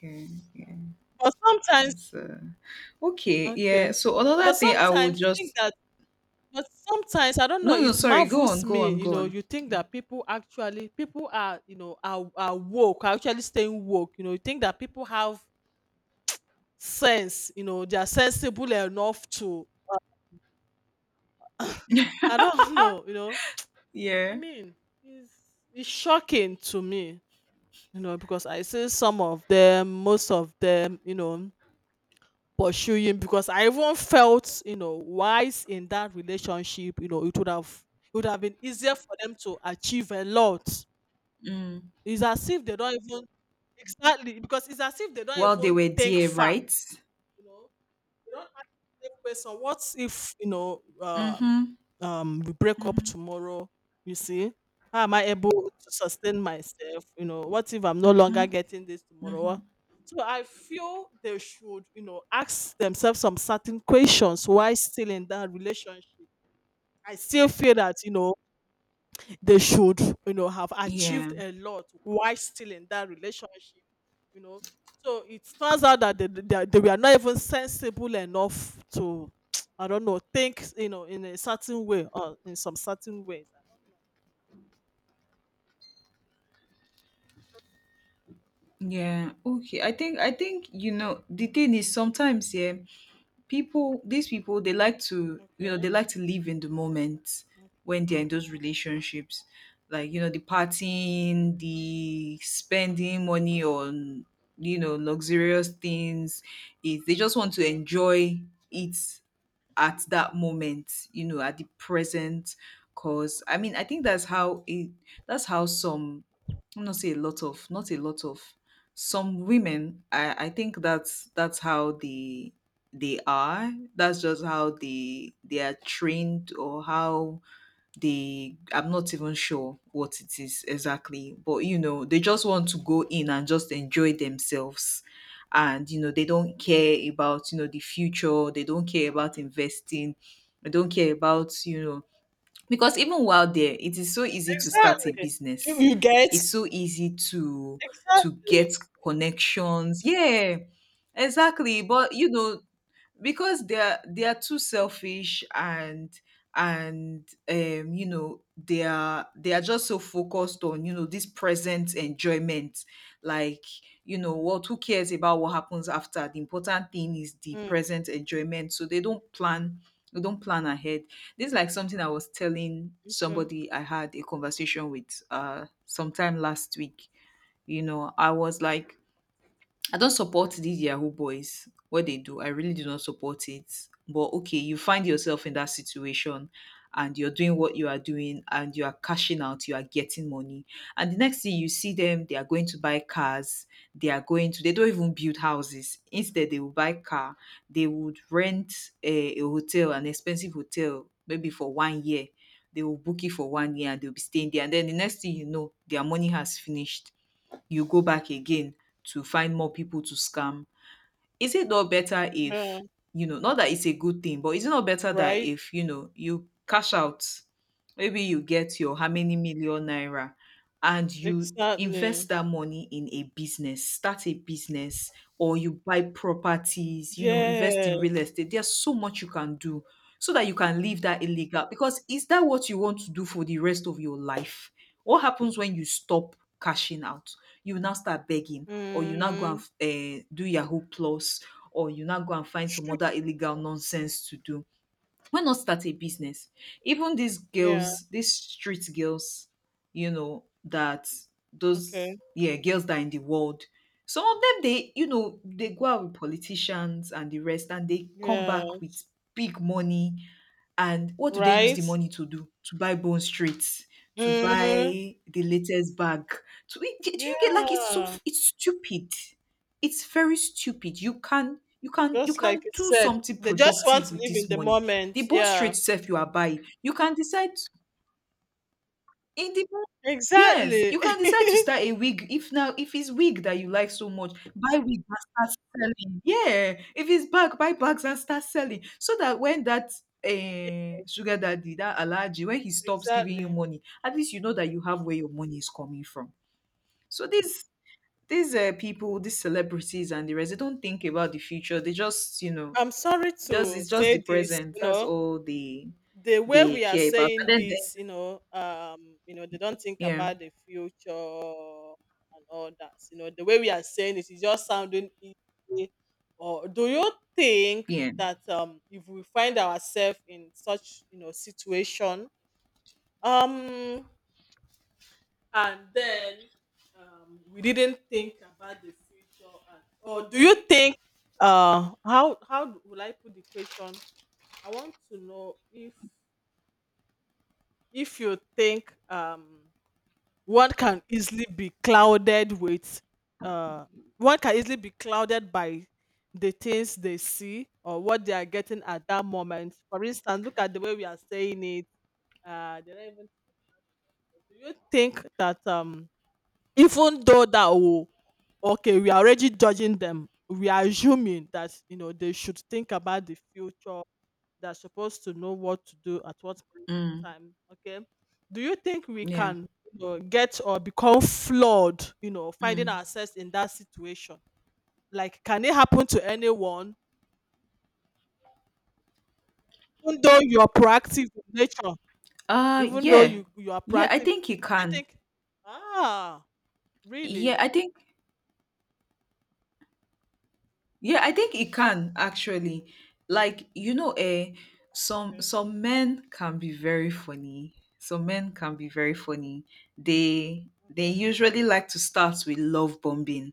Speaker 2: Yeah. Yeah.
Speaker 1: But sometimes
Speaker 2: That's uh, okay. Yeah.
Speaker 1: okay.
Speaker 2: So
Speaker 1: But
Speaker 2: another thing I would
Speaker 1: sometimes you think
Speaker 2: just...
Speaker 1: that but sometimes I don't know,
Speaker 2: No, no,
Speaker 1: it
Speaker 2: sorry, go on,
Speaker 1: marvels
Speaker 2: go
Speaker 1: me,
Speaker 2: on,
Speaker 1: you
Speaker 2: go
Speaker 1: know,
Speaker 2: on.
Speaker 1: you think
Speaker 2: Yeah.
Speaker 1: that people actually people are, you know, are, are woke, are actually staying woke. You know, you think that people have sense, you know, they are sensible enough to I don't [LAUGHS] know, you know. I
Speaker 2: Yeah.
Speaker 1: mean, it's it's shocking to me, you know, because I see some of them, most of them, you know, pursuing because I even felt, you know, wise in that relationship, you know, it would have it would have been easier for them to achieve a lot.
Speaker 2: Mm.
Speaker 1: It's as if they don't even exactly because it's as if they don't
Speaker 2: While they
Speaker 1: even
Speaker 2: were
Speaker 1: think
Speaker 2: there,
Speaker 1: far,
Speaker 2: right?
Speaker 1: you know. You don't ask the question, what if, you know, um,
Speaker 2: Mm-hmm.
Speaker 1: um, we break up
Speaker 2: Mm-hmm.
Speaker 1: tomorrow? You see, how am I able to sustain myself? You know, what if I'm no longer
Speaker 2: Mm-hmm.
Speaker 1: getting this
Speaker 2: Mm-hmm.
Speaker 1: tomorrow? So I feel they should, you know, ask themselves some certain questions while still in that relationship. I still feel that, you know, they should you know have
Speaker 2: Yeah.
Speaker 1: achieved a lot while still in that relationship you know so it turns out that they, they, they were not even sensible enough to [TSK] I don't know think you know in a certain way or in some certain ways.
Speaker 2: Yeah. Okay. I think I think you know, the thing is sometimes, yeah, people these people, they like to, you know,
Speaker 1: Okay.
Speaker 2: they like to live in the moment when they're in those relationships, like, you know, the partying, the spending money on, you know, luxurious things. Is, they just want to
Speaker 1: Yeah.
Speaker 2: enjoy it at that moment, you know, at the present. Cause I mean, I think that's how it, that's how some... I'm not say a lot of, not a lot of, some women, i i think that's that's how the they are, that's just how they they are trained, or how they... I'm not even sure what it is exactly, but you know, they just want to go
Speaker 1: Mm.
Speaker 2: in and just enjoy themselves. And you know, they don't care about, you know, the future, they don't care about investing, they don't care about, you know, because even while there, it is so easy to start a
Speaker 1: Exactly. you,
Speaker 2: business.
Speaker 1: you get.
Speaker 2: It's so easy to to get
Speaker 1: Exactly.
Speaker 2: connections, yeah, exactly, but you know, because they are they are too selfish, and and um you know, they are they are just so focused on, you know, this present enjoyment. Like, you know what, who cares about what happens after? The important thing is the
Speaker 1: Mm.
Speaker 2: present enjoyment, so they don't plan they don't plan ahead. This is like something I was telling
Speaker 1: Okay.
Speaker 2: somebody, I had a conversation with, uh sometime last week, you know. I was like, I don't support these Yahoo boys, what they do. I really do not support it. But okay, you find yourself in that situation and you're doing what you are doing, and you are cashing out, you are getting money. And the next thing you see them, they are going to buy cars, they are going to, they don't even build houses. Instead, they will buy car, they would rent a, a hotel, an expensive hotel, maybe for one year. They will book it for one year and they'll be staying there. And then the next thing you know, their money has finished, you go back again to find more people to scam. Is it not better
Speaker 1: Yeah.
Speaker 2: if, you know, not that it's a good thing, but is it not better that
Speaker 1: Right.
Speaker 2: if, you know, you cash out, maybe you get your how many million naira, and you invest
Speaker 1: Exactly.
Speaker 2: that money in a business, start a business, or you buy properties, you know, invest in real
Speaker 1: Yes.
Speaker 2: estate, there's so much you can do, so that you can leave that illegal. Because is that what you want to do for the rest of your life? What happens when you stop cashing out? You now start begging, or you now go and,
Speaker 1: Mm.
Speaker 2: uh, do Yahoo Plus, or you now go and find some
Speaker 1: True.
Speaker 2: other illegal nonsense to do. Why not start a business? Even these
Speaker 1: Yeah.
Speaker 2: girls, these street girls, you know, that,
Speaker 1: Okay.
Speaker 2: those, yeah, girls that are in the world. Some of them, they, you know, they go out with politicians and the rest, and they come
Speaker 1: Yeah.
Speaker 2: back with big money. And what do they use the
Speaker 1: Right.
Speaker 2: money to do? To buy Bone Street, to
Speaker 1: Mhm.
Speaker 2: buy the latest bag. To do, you get? Like it's so
Speaker 1: Yeah,
Speaker 2: it's stupid. It's very stupid. You can you can you
Speaker 1: just like
Speaker 2: can
Speaker 1: you
Speaker 2: do
Speaker 1: said,
Speaker 2: something
Speaker 1: they just want
Speaker 2: productive
Speaker 1: to
Speaker 2: with
Speaker 1: live in
Speaker 2: this
Speaker 1: the
Speaker 2: money. The
Speaker 1: moment.
Speaker 2: bone straight
Speaker 1: Yeah,
Speaker 2: sef you are buying, you can decide, in the depends yes,
Speaker 1: exactly.
Speaker 2: you can decide to
Speaker 1: [LAUGHS]
Speaker 2: start a wig, if now, if it's wig that you like so much, buy wig and start selling. Yeah, if it's bag, buy bags and start selling, so that when that,
Speaker 1: Yeah,
Speaker 2: eh, sugar daddy, that allergy, when he stops giving you
Speaker 1: exactly.
Speaker 2: money, at least you know that you have where your money is coming from. So these these, eh, people, these celebrities and the rest, they don't think about the future. They just, you know,
Speaker 1: I'm sorry
Speaker 2: just
Speaker 1: to
Speaker 2: it's just
Speaker 1: say
Speaker 2: the
Speaker 1: this,
Speaker 2: present.
Speaker 1: you
Speaker 2: That's
Speaker 1: know,
Speaker 2: all they
Speaker 1: the way
Speaker 2: they
Speaker 1: we are
Speaker 2: care about.
Speaker 1: saying
Speaker 2: And then,
Speaker 1: this, you know, um, you know, they don't think
Speaker 2: yeah.
Speaker 1: about the future and all that. You know, the way we are saying it is just sounding easy. Or do you think
Speaker 2: Yeah.
Speaker 1: that um if we find ourselves in such, you know, situation, um and then um, we didn't think about the future and, or do you think uh how how would i put the question. I want to know if if you think um one can easily be clouded with uh one can easily be clouded by the things they see or what they are getting at that moment. For instance, look at the way we are saying it uh They don't even do you think that um even though that oh okay, we are already judging them. We are assuming that you know they should think about the future. They're supposed to know what to do at what point in
Speaker 2: Mm.
Speaker 1: time. Okay, do you think we
Speaker 2: Yeah.
Speaker 1: can, you know, get or become flawed you know finding
Speaker 2: Mm.
Speaker 1: ourselves in that situation, like can it happen to anyone even though you're proactive in nature,
Speaker 2: Uh
Speaker 1: even though
Speaker 2: yeah.
Speaker 1: you you are
Speaker 2: Yeah, I
Speaker 1: proactive in
Speaker 2: think it
Speaker 1: nature, do you
Speaker 2: can.
Speaker 1: think? Ah,
Speaker 2: Yeah,
Speaker 1: really?
Speaker 2: I think yeah, I think it can actually. Like, you know, eh, some
Speaker 1: Okay,
Speaker 2: some men can be very funny. Some men can be very funny. They they
Speaker 1: okay.
Speaker 2: usually like to start with love bombing.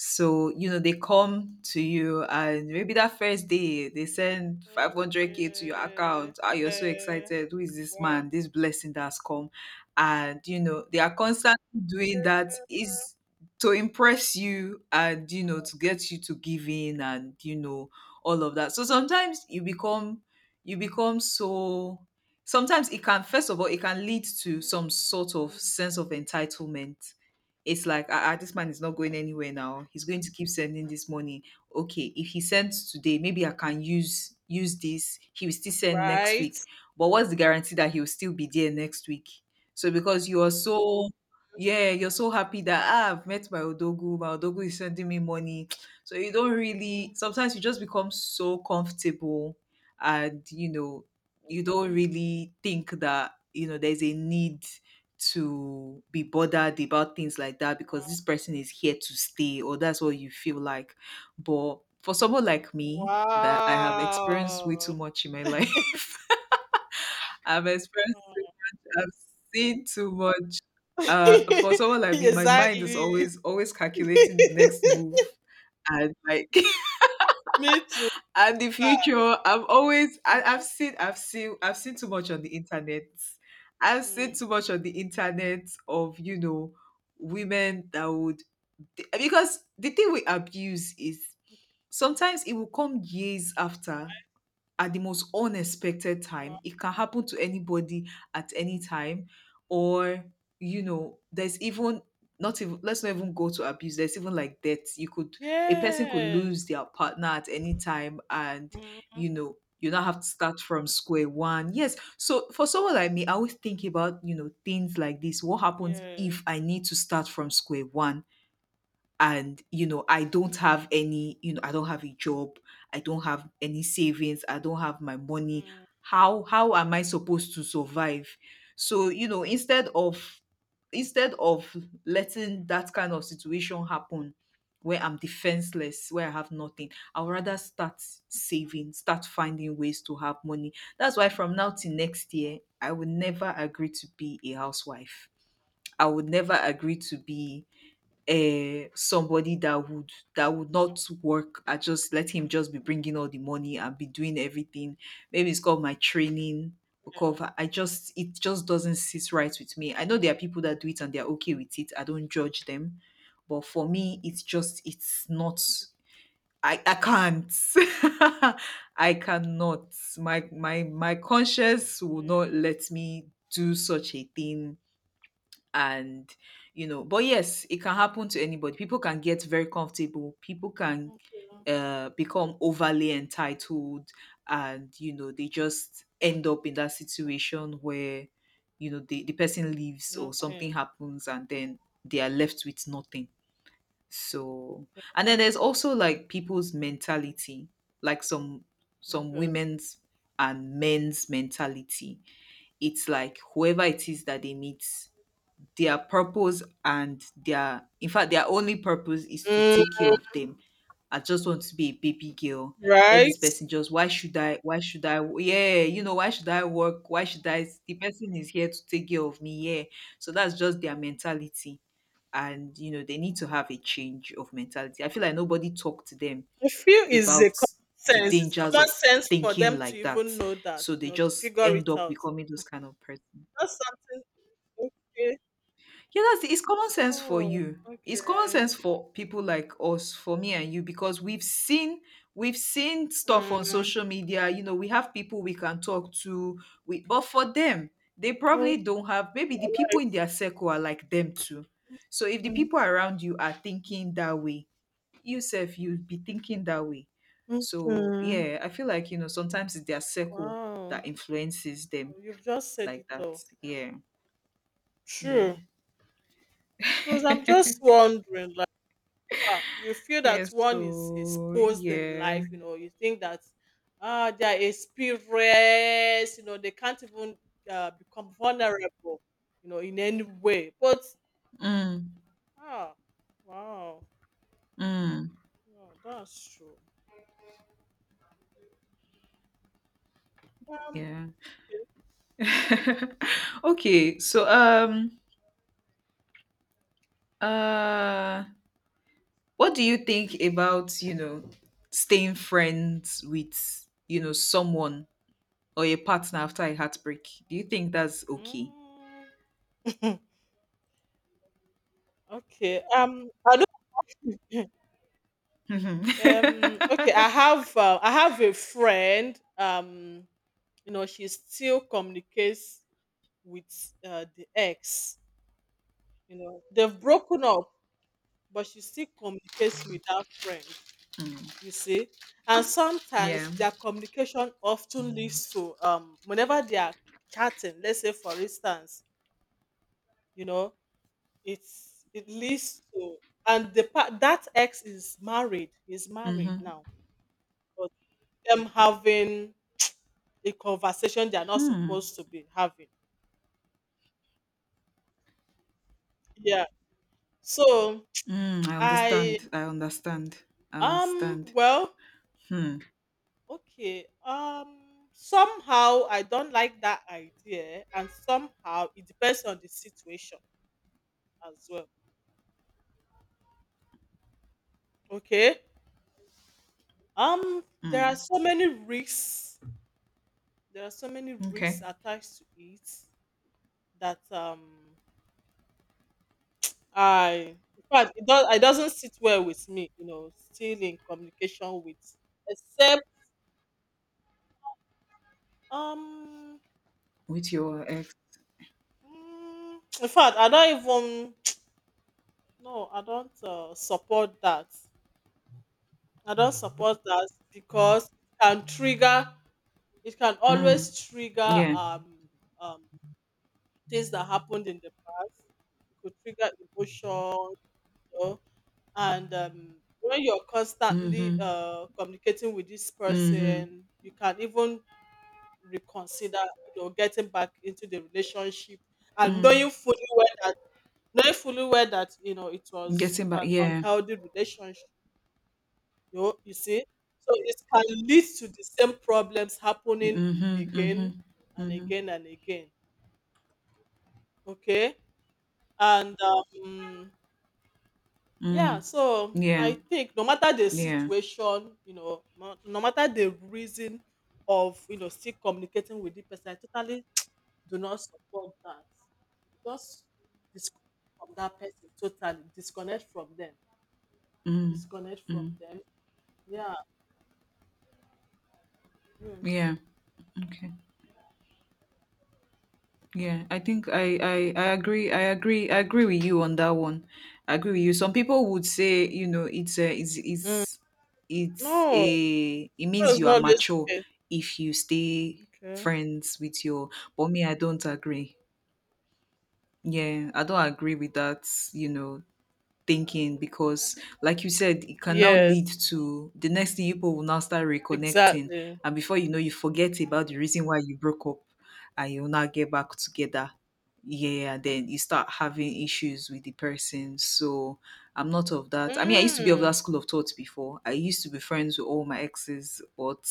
Speaker 2: So, you know, they come to you and maybe that first day they send five hundred k to your
Speaker 1: Okay.
Speaker 2: account. Ah, you're so
Speaker 1: Eh,
Speaker 2: excited. Who is this
Speaker 1: wow.
Speaker 2: man? This blessing that's come. And, you know, they are constantly doing that is to impress you and, you know, to get you to give in and, you know, all of that. So sometimes you become, you become so, sometimes it can, first of all, it can lead to some sort of
Speaker 1: Mm.
Speaker 2: sense of entitlement. It's like, ah, ah, this man is not going anywhere now. He's going to keep sending this money. Okay, if he sends today, maybe I can use use this. He will still send next week.
Speaker 1: Right?
Speaker 2: But what's the guarantee that he will still be there next week? So because you are so, yeah, you're so happy that, ah, I've met my Odogu, my Odogu is sending me money. [TSK] So you don't really,
Speaker 1: Okay.
Speaker 2: sometimes you just become so comfortable, and you know, you don't really think that, you know, there's a need to be bothered about things like that, because this person is here to stay, or that's what you feel like. But for someone like me, that I have experienced way too
Speaker 1: Wow.
Speaker 2: much in my life. [LAUGHS] I've experienced too much. I've seen too much. uh
Speaker 1: [LAUGHS]
Speaker 2: for someone like me, my mind is
Speaker 1: Exactly.
Speaker 2: always always calculating the next
Speaker 1: [LAUGHS]
Speaker 2: move. And like, [LAUGHS]
Speaker 1: Me too.
Speaker 2: and the future, I'm always, I,
Speaker 1: Mm-hmm.
Speaker 2: I've seen I've seen I've seen too much on the internet. I've
Speaker 1: Mm.
Speaker 2: seen too much on the internet of, you know, women that would, because the thing with abuse is, sometimes it will come years after, at the most unexpected
Speaker 1: Wow.
Speaker 2: time. It can happen to anybody at any time. Or, you know, there's even not even let's not even go to abuse. There's even like death. You could a person could
Speaker 1: Yes.
Speaker 2: lose their partner at any time, and
Speaker 1: Mm.
Speaker 2: you know, you now have to start from square one. Yes. So for someone like me, I always think about, you know, things like this. What happens
Speaker 1: Yeah.
Speaker 2: if I need to start from square one? And you know, i don't have any you know I don't have a job, I don't have any savings, I don't have my money.
Speaker 1: Mm.
Speaker 2: How how am I supposed to survive? So you know, instead of instead of letting that kind of situation happen, where I'm defenseless, where I have nothing, I'll rather start saving, start finding ways to have money. That's why from now till next year,
Speaker 1: Wow.
Speaker 2: I will never agree to be a housewife. I would never agree to be, uh, somebody that would that would not work. I just let him just be bringing all the money and be doing everything. Maybe it's called my training, because I I just, it just doesn't sit right with me. I know there are people that do it and they're okay with it. I don't judge them, but for me, it's just, it's not. I, I can't. [LAUGHS] I cannot. My my my conscience will not
Speaker 1: Yeah.
Speaker 2: let me do such a thing. And you know, but yes, it can happen to anybody. People can get very comfortable. People can,
Speaker 1: Okay.
Speaker 2: uh, become overly entitled, and you know, they just end up in that situation where, you know, the, the person leaves or something
Speaker 1: Nothing.
Speaker 2: happens, and then they are left with nothing. So, and then there's also like people's mentality, like some some
Speaker 1: Okay.
Speaker 2: women's and men's mentality. It's like whoever it is that they meet, their purpose and their, in fact, their only purpose is to
Speaker 1: Mm.
Speaker 2: take care of them. I just want to be a baby girl. Let
Speaker 1: Right.
Speaker 2: this person just, why should I, why should I, yeah, you know, why should I work? Why should I? The person is here to take care of me, yeah. So that's just their mentality. And you know, they need to have a change of mentality. I feel like nobody talked to them
Speaker 1: I feel is a
Speaker 2: about
Speaker 1: common
Speaker 2: the
Speaker 1: sense. It's
Speaker 2: dangers
Speaker 1: common
Speaker 2: of
Speaker 1: sense for
Speaker 2: thinking
Speaker 1: them to
Speaker 2: like that.
Speaker 1: even know that,
Speaker 2: So
Speaker 1: you
Speaker 2: they
Speaker 1: know, to
Speaker 2: just
Speaker 1: figure
Speaker 2: end
Speaker 1: it
Speaker 2: up
Speaker 1: out.
Speaker 2: becoming those kind of person.
Speaker 1: That's something. Okay.
Speaker 2: Yeah, that's it's common sense for
Speaker 1: Oh,
Speaker 2: you. It's common
Speaker 1: okay.
Speaker 2: sense for people like us, for me and you, because we've seen we've seen stuff on
Speaker 1: Mm.
Speaker 2: social media. You know, we have people we can talk to. We but for them, they
Speaker 1: Oh,
Speaker 2: probably don't have. Maybe
Speaker 1: you're
Speaker 2: the people
Speaker 1: right.
Speaker 2: in their circle are like them too. So if the
Speaker 1: Mm.
Speaker 2: people around you are thinking that way, yourself you'd be thinking that way. So
Speaker 1: Okay.
Speaker 2: yeah, I feel like, you know, sometimes it's their circle
Speaker 1: Wow.
Speaker 2: that influences them
Speaker 1: You've just said
Speaker 2: like
Speaker 1: it
Speaker 2: that.
Speaker 1: all.
Speaker 2: Yeah, yeah.
Speaker 1: True. Because I'm just wondering, far. You feel that
Speaker 2: Yes,
Speaker 1: one is
Speaker 2: so
Speaker 1: exposed in
Speaker 2: yeah.
Speaker 1: life, you know, you think that ah, they are experienced, you know, they can't even uh, become vulnerable, you know, in any way. But
Speaker 2: Mm,
Speaker 1: ah, wow,
Speaker 2: mm.
Speaker 1: wow, that's true. Um,
Speaker 2: Yeah. [LAUGHS] Okay, so um uh what do you think about, you know, staying friends with, you know, someone or a partner after a heartbreak? Do you think that's okay?
Speaker 1: mm, [LAUGHS] okay. Um, I don't. [LAUGHS] um, okay. I
Speaker 2: Mm-hmm.
Speaker 1: have. Uh, I have a friend. Um, you know, she still communicates with uh, the ex. You know, they've broken up, but she still communicates with that friend, you see. And
Speaker 2: [LAUGHS]
Speaker 1: sometimes
Speaker 2: Yeah.
Speaker 1: their communication often leads to um whenever they are chatting, let's say for instance, you know, it's it leads to and the pa- that ex is married, is married
Speaker 2: Mm-hmm.
Speaker 1: now, but them having a conversation they are not
Speaker 2: Hmm.
Speaker 1: supposed to be having. Yeah. So
Speaker 2: Mm, I
Speaker 1: I
Speaker 2: understand. I understand. I
Speaker 1: um
Speaker 2: understand.
Speaker 1: well
Speaker 2: Hmm.
Speaker 1: okay. Um somehow I don't like that idea, and somehow it depends on the situation as well. Okay? Um there are
Speaker 2: Mm.
Speaker 1: so many risks. There are so many risks
Speaker 2: Okay.
Speaker 1: attached to it that um I in fact it, does, it doesn't sit well with me, you know, still in communication with except um
Speaker 2: With your ex.
Speaker 1: mm, in fact I don't even [TSK] no, I don't uh, support that. I don't support that because it can trigger, it can
Speaker 2: Mm.
Speaker 1: always trigger
Speaker 2: Yeah.
Speaker 1: um, um, things that happened in the past. It could trigger emotion, you know, and um, when you're constantly
Speaker 2: Mhm.
Speaker 1: uh, communicating with this
Speaker 2: Mhm.
Speaker 1: person, you can even reconsider, you know, getting back into the relationship and
Speaker 2: Mm.
Speaker 1: knowing fully well that knowing fully well that you know it was
Speaker 2: Getting back,
Speaker 1: an
Speaker 2: yeah.
Speaker 1: unhealthy relationship. You know, you see? So it can lead to the same problems happening
Speaker 2: Mhm.
Speaker 1: again
Speaker 2: Mhm.
Speaker 1: and
Speaker 2: Mhm.
Speaker 1: again and again. Okay? And um yeah,
Speaker 2: Mm.
Speaker 1: so I
Speaker 2: Yeah.
Speaker 1: think no matter the
Speaker 2: Yeah.
Speaker 1: situation, you know, no, no matter the reason of you know still communicating with the person, I totally do not support that. Just disconnect from that person totally. Disconnect from them.
Speaker 2: Mm.
Speaker 1: Disconnect from
Speaker 2: Mm.
Speaker 1: them. Yeah. Mm.
Speaker 2: Yeah. Okay. Yeah. I think I, I I agree. I agree. I agree with you on that one. I agree with you. Some people would say, you know, it's a it's
Speaker 1: Mm.
Speaker 2: it's it's
Speaker 1: No,
Speaker 2: a it
Speaker 1: that
Speaker 2: means
Speaker 1: is
Speaker 2: you
Speaker 1: not
Speaker 2: are
Speaker 1: always
Speaker 2: mature
Speaker 1: okay.
Speaker 2: if you stay
Speaker 1: Okay.
Speaker 2: friends with your, but me, I don't agree. Yeah, I don't agree with that, you know, thinking, because like you said, it can now lead
Speaker 1: Yes,
Speaker 2: to the next thing. People will now start reconnecting,
Speaker 1: exactly.
Speaker 2: and before you know, you forget about the reason why you broke up, and you'll now get back together. Yeah, then you start having issues with the person. So I'm not of that. I mean, I used to be of that
Speaker 1: Mm.
Speaker 2: school of thought before. I used to be friends with all my exes, but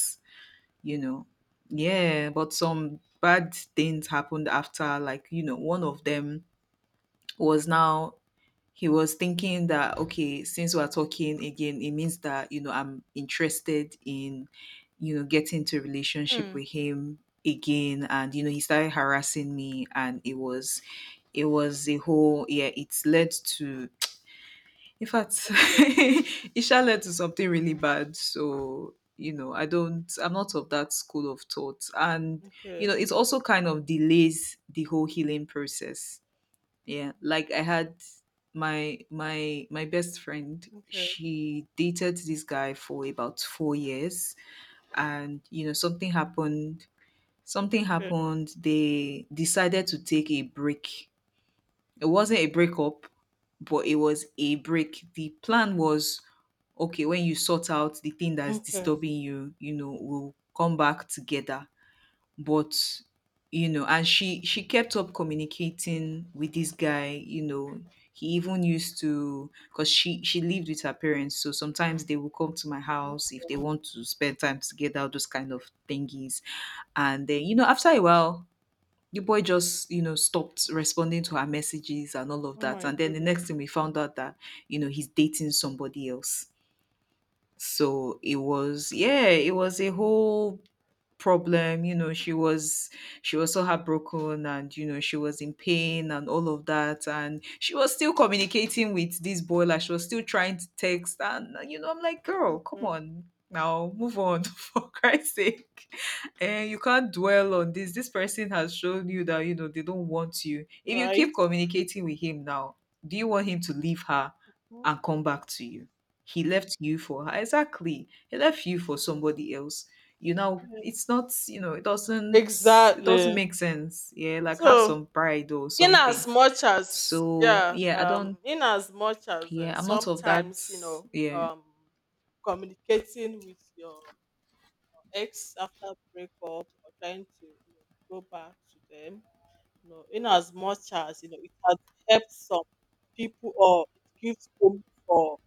Speaker 2: you know, yeah, but some bad things happened after, like, you know, one of them was now, he was thinking that okay, since we're talking again, it means that, you know, I'm interested in, you know, getting into a relationship
Speaker 1: Hmm.
Speaker 2: with him again. And you know, he started harassing me, and it was it was a whole, yeah, it's led to, in fact, [LAUGHS]
Speaker 1: Okay.
Speaker 2: it shall led to something really bad. So you know, i don't I'm not of that school of thought. And you
Speaker 1: Okay.
Speaker 2: know, it also kind of delays the whole healing process. Yeah, like, I had my my my best friend. She dated this guy for about four years, and you know, something happened. Something
Speaker 1: Okay.
Speaker 2: happened. They decided to take a break. It wasn't a breakup, but it was a break. The plan was, okay, when you sort out the thing that's
Speaker 1: Okay.
Speaker 2: disturbing you, you know, we'll come back together. But you know, and she she kept up communicating with this guy, you know. He even used to, because she she lived with her parents, so sometimes they will come to my house if they want to spend time together, those kind of thingies. And then you know, after a while, the boy just, you know, stopped responding to her messages and all of
Speaker 1: Oh
Speaker 2: that.
Speaker 1: my
Speaker 2: And then the
Speaker 1: goodness.
Speaker 2: next thing we found out that, you know, he's dating somebody else. So it was, yeah, it was a whole problem, you know. She was she was so heartbroken and, you know, she was in pain and all of that. And she was still communicating with this boy, like, she was still trying to text, and uh, you know, I'm like, girl, come
Speaker 1: Yeah.
Speaker 2: on now, move on, [LAUGHS] for Christ's sake. And you can't dwell on this this person has shown you that, you know, they don't want you. If you
Speaker 1: Right.
Speaker 2: keep communicating with him now, do you want him to leave her and come back to you? He left you for her. Exactly, he left you for somebody else. You know,
Speaker 1: Okay.
Speaker 2: it's not, you know, it doesn't, it doesn't
Speaker 1: Exactly.
Speaker 2: make sense. Yeah, like, have
Speaker 1: So,
Speaker 2: some pride or
Speaker 1: in
Speaker 2: something.
Speaker 1: as much as
Speaker 2: So
Speaker 1: yeah,
Speaker 2: yeah, I don't
Speaker 1: um, in as much as uh,
Speaker 2: yeah, I'm not of that.
Speaker 1: sometimes you know,
Speaker 2: Yeah.
Speaker 1: um, communicating with your ex after breakup or trying to you know, go back to them. You know, in as much as, you know, it has helped some people or it gives hope for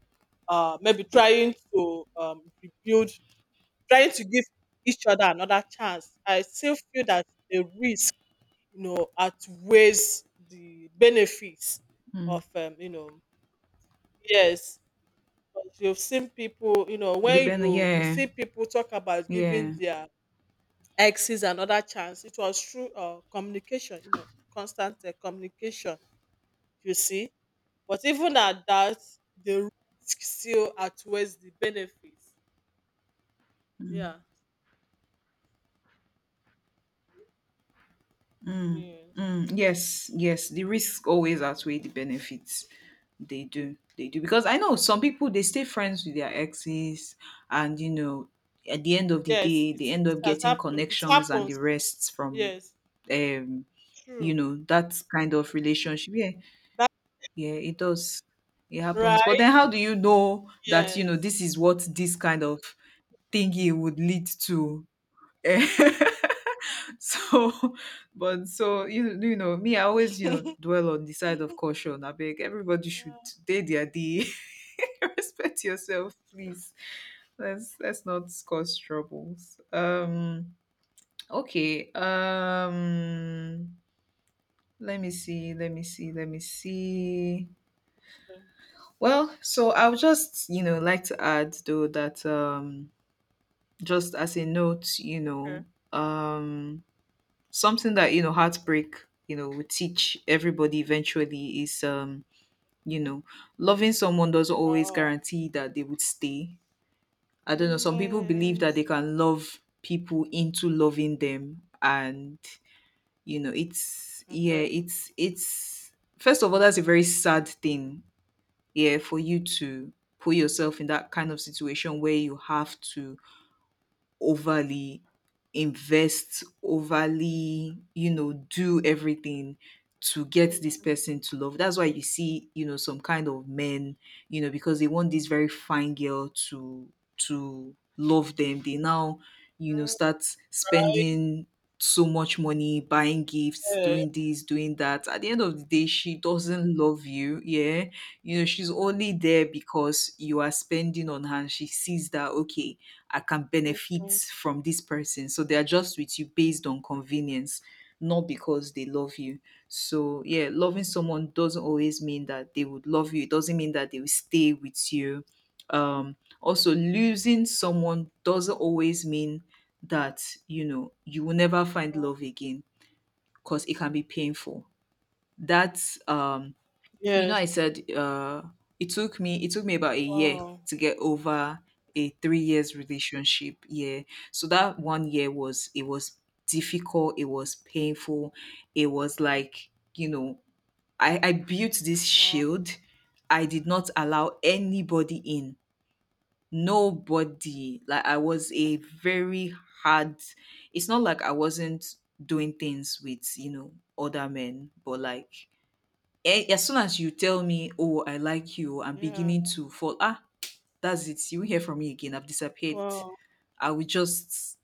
Speaker 1: uh maybe trying to um rebuild, trying to give each other another chance. I still feel that the risk, you know, outweighs the benefits
Speaker 2: Mm.
Speaker 1: of um, you know, yes. Because you've seen people, you know, when
Speaker 2: Depending,
Speaker 1: you you
Speaker 2: yeah.
Speaker 1: see people talk about giving
Speaker 2: Yeah.
Speaker 1: their exes another chance, it was through uh communication, you know, constant uh, communication you see. But even at that, the risk still outweighs the benefits.
Speaker 2: Mm.
Speaker 1: Yeah.
Speaker 2: Mm,
Speaker 1: Yes.
Speaker 2: mm, yes, yes. The risks always outweigh the benefits. They do. They do. Because I know some people they stay friends with their exes, and you know, at the end of the
Speaker 1: Yes,
Speaker 2: day, they
Speaker 1: it's
Speaker 2: end
Speaker 1: it
Speaker 2: up
Speaker 1: has
Speaker 2: getting
Speaker 1: happened. It
Speaker 2: connections and the
Speaker 1: happens.
Speaker 2: rests from,
Speaker 1: Yes.
Speaker 2: um, you
Speaker 1: True.
Speaker 2: know, that kind of relationship. Yeah,
Speaker 1: That's
Speaker 2: yeah, it does. It happens. But
Speaker 1: right.
Speaker 2: then how do you know that, you know,
Speaker 1: Yes.
Speaker 2: this is what this kind of thingy would lead to. Eh, [LAUGHS] so but so you you know me. I always you know
Speaker 1: [LAUGHS]
Speaker 2: dwell on the side of caution. I beg everybody should
Speaker 1: Yeah.
Speaker 2: day their day. [LAUGHS] Respect yourself please. Let's let's not cause troubles. Um okay. um let me see let me see let me see. Well, so I would just you know like to add though that, um just as a note. you
Speaker 1: Okay.
Speaker 2: know um Something that you know heartbreak you know will teach everybody eventually is um you know loving someone doesn't always
Speaker 1: Wow.
Speaker 2: guarantee that they would stay. I don't know, some people believe that they
Speaker 1: Yes.
Speaker 2: can love people into loving them. And you know it's, yeah,
Speaker 1: Okay.
Speaker 2: it's it's first of all that's a very sad thing. Yeah, for you to put yourself in that kind of situation where you have to overly invest, overly, you know, do everything to get this
Speaker 1: Mm.
Speaker 2: person to love. That's why you see, you know, some kind of men, you know, because they want this very fine girl to to love them. They now, you know, start
Speaker 1: Right.
Speaker 2: spending so much money, buying gifts,
Speaker 1: Yeah.
Speaker 2: doing this, doing that. At the end of the day, she doesn't love you. Yeah, you know she's only there because you are spending on her. She sees that, okay, I can benefit
Speaker 1: Okay.
Speaker 2: from this person. So they are just with you based on convenience, not because they love you. So, yeah, loving someone doesn't always mean that they would love you, it doesn't mean that they will stay with you. Um, Also, losing someone doesn't always mean that you know you will never find
Speaker 1: Wow.
Speaker 2: love again, because it can be painful. That, um, you know,
Speaker 1: Yes.
Speaker 2: I said, uh, it took me it took me about a year
Speaker 1: Wow.
Speaker 2: to get over a three years relationship. Yeah, so that one year was it was difficult. It was painful. It was like, you know, I I built this
Speaker 1: Wow.
Speaker 2: shield. I did not allow anybody in. Nobody. Like I was a very hard. It's not like I wasn't doing things with you know other men, but like Eh, as soon as you tell me, "Oh, I like you," I'm
Speaker 1: Yeah.
Speaker 2: beginning to fall. Ah, that's it. You won't hear from me again. I've disappeared.
Speaker 1: Wow.
Speaker 2: I will just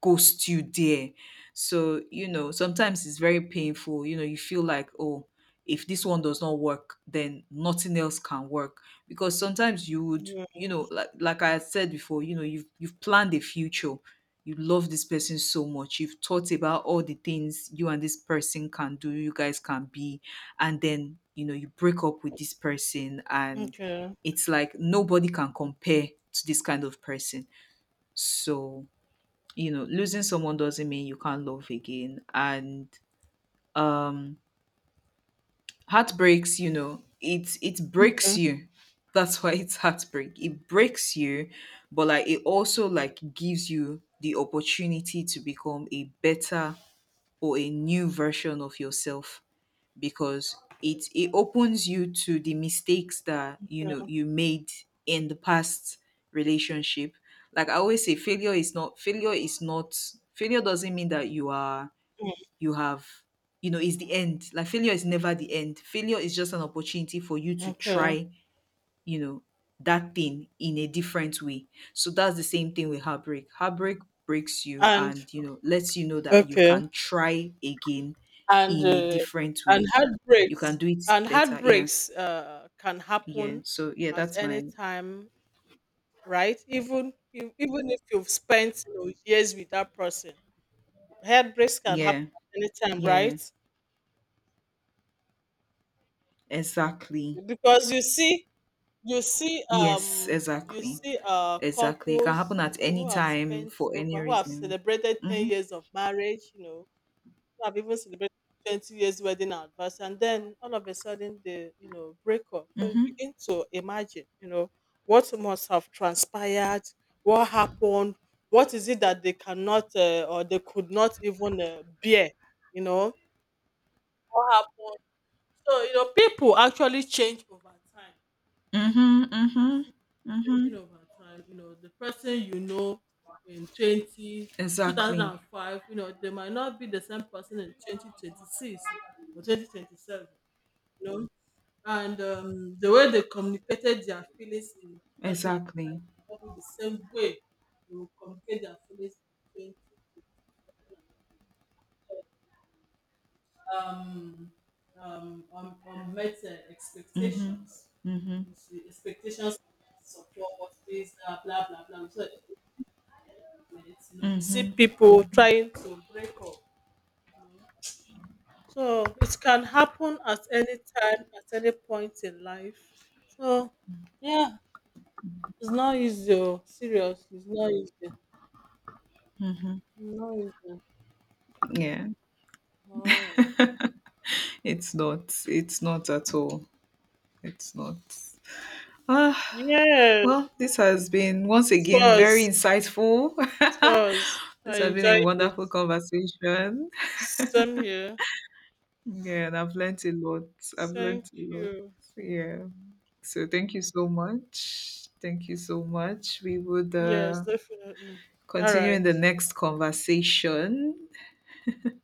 Speaker 2: ghost you there. So, you know, sometimes it's very painful. You know, you feel like, oh, if this one does not work, then nothing else can work. Because sometimes you would,
Speaker 1: Yeah.
Speaker 2: you know, like like I had said before, you know, you've you've planned a future. You love this person so much. You've thought about all the things you and this person can do, you guys can be, and then you know you break up with this person, and
Speaker 1: Okay.
Speaker 2: it's like nobody can compare to this kind of person. So you know losing someone doesn't mean you can't love again. And um heartbreaks, you know it it breaks
Speaker 1: Okay.
Speaker 2: you. That's why it's heartbreak, it breaks you. But like it also like gives you the opportunity to become a better or a new version of yourself, because it it opens you to the mistakes that you know you made in the past relationship. Like I always say, failure is not failure is not failure doesn't mean that you are
Speaker 1: Mm.
Speaker 2: you have you know is the end. Like, failure is never the end. Failure is just an opportunity for you to
Speaker 1: Okay.
Speaker 2: try, you know that thing in a different way. So that's the same thing with heartbreak. Heartbreak breaks you,
Speaker 1: And
Speaker 2: and you know lets you know that you
Speaker 1: okay.
Speaker 2: can try again
Speaker 1: and
Speaker 2: in a
Speaker 1: uh,
Speaker 2: different
Speaker 1: and
Speaker 2: way. You can
Speaker 1: heartbreaks
Speaker 2: do it
Speaker 1: and
Speaker 2: better. Yeah.
Speaker 1: heartbreaks uh, can
Speaker 2: Yeah.
Speaker 1: happen
Speaker 2: So yeah,
Speaker 1: at
Speaker 2: that's
Speaker 1: any
Speaker 2: my
Speaker 1: time, right? Even if- even if you've spent you know, years with that person, heartbreaks can happen
Speaker 2: yeah.
Speaker 1: at any time,
Speaker 2: Yeah.
Speaker 1: right?
Speaker 2: Exactly.
Speaker 1: Because you see you see
Speaker 2: Yes,
Speaker 1: um you
Speaker 2: exactly.
Speaker 1: see uh
Speaker 2: Exactly. It can
Speaker 1: couples
Speaker 2: happen
Speaker 1: you
Speaker 2: at
Speaker 1: know
Speaker 2: any
Speaker 1: who have
Speaker 2: time
Speaker 1: spent
Speaker 2: for any
Speaker 1: over who have
Speaker 2: reason.
Speaker 1: celebrated ten
Speaker 2: Mhm.
Speaker 1: years of marriage, you know, I've even celebrated twenty years wedding anniversary, and then all of a sudden they, you know, break up. So you
Speaker 2: Mhm.
Speaker 1: begin to imagine, you know, what must have transpired, what happened, what is it that they cannot uh, or they could not even uh, bear, you know, what happened. So you know, people actually change over time
Speaker 2: Mhm. Mhm.
Speaker 1: changing
Speaker 2: Mhm.
Speaker 1: over time. You know, the person you know in twenty two thousand
Speaker 2: Exactly.
Speaker 1: and five, you know, they might not be the same person in twenty twenty-six or twenty twenty-seven, you know. And um, the way they communicated their feelings in
Speaker 2: Exactly.
Speaker 1: two thousand five will be the same way they will communicate their feelings in twenty, um, um, um, um, met uh,
Speaker 2: Mhm.
Speaker 1: expectations.
Speaker 2: Mhm.
Speaker 1: You see, expectations support, this, uh, blah, blah, blah. So movement, you know, we
Speaker 2: Mhm.
Speaker 1: see people
Speaker 2: Mhm.
Speaker 1: trying to break up. You know. So it can happen at any time, at any point in life. So yeah, it's not easy. Oh, seriously, it's not easy.
Speaker 2: Mhm.
Speaker 1: Not easy.
Speaker 2: Yeah.
Speaker 1: Oh.
Speaker 2: It's not. It's not at all. It's not. Ah,
Speaker 1: Yeah, it
Speaker 2: well, this has been once again very
Speaker 1: was.
Speaker 2: insightful.
Speaker 1: It
Speaker 2: [LAUGHS]
Speaker 1: was. I
Speaker 2: This has been a
Speaker 1: enjoyed it.
Speaker 2: wonderful conversation.
Speaker 1: Same here.
Speaker 2: Yeah, and I've learnt a lot. I've
Speaker 1: Thank
Speaker 2: learnt a lot.
Speaker 1: you.
Speaker 2: Yeah. So thank you so much. Thank you so much. We would
Speaker 1: Yes,
Speaker 2: uh,
Speaker 1: definitely. All
Speaker 2: continue in the
Speaker 1: right.
Speaker 2: next conversation.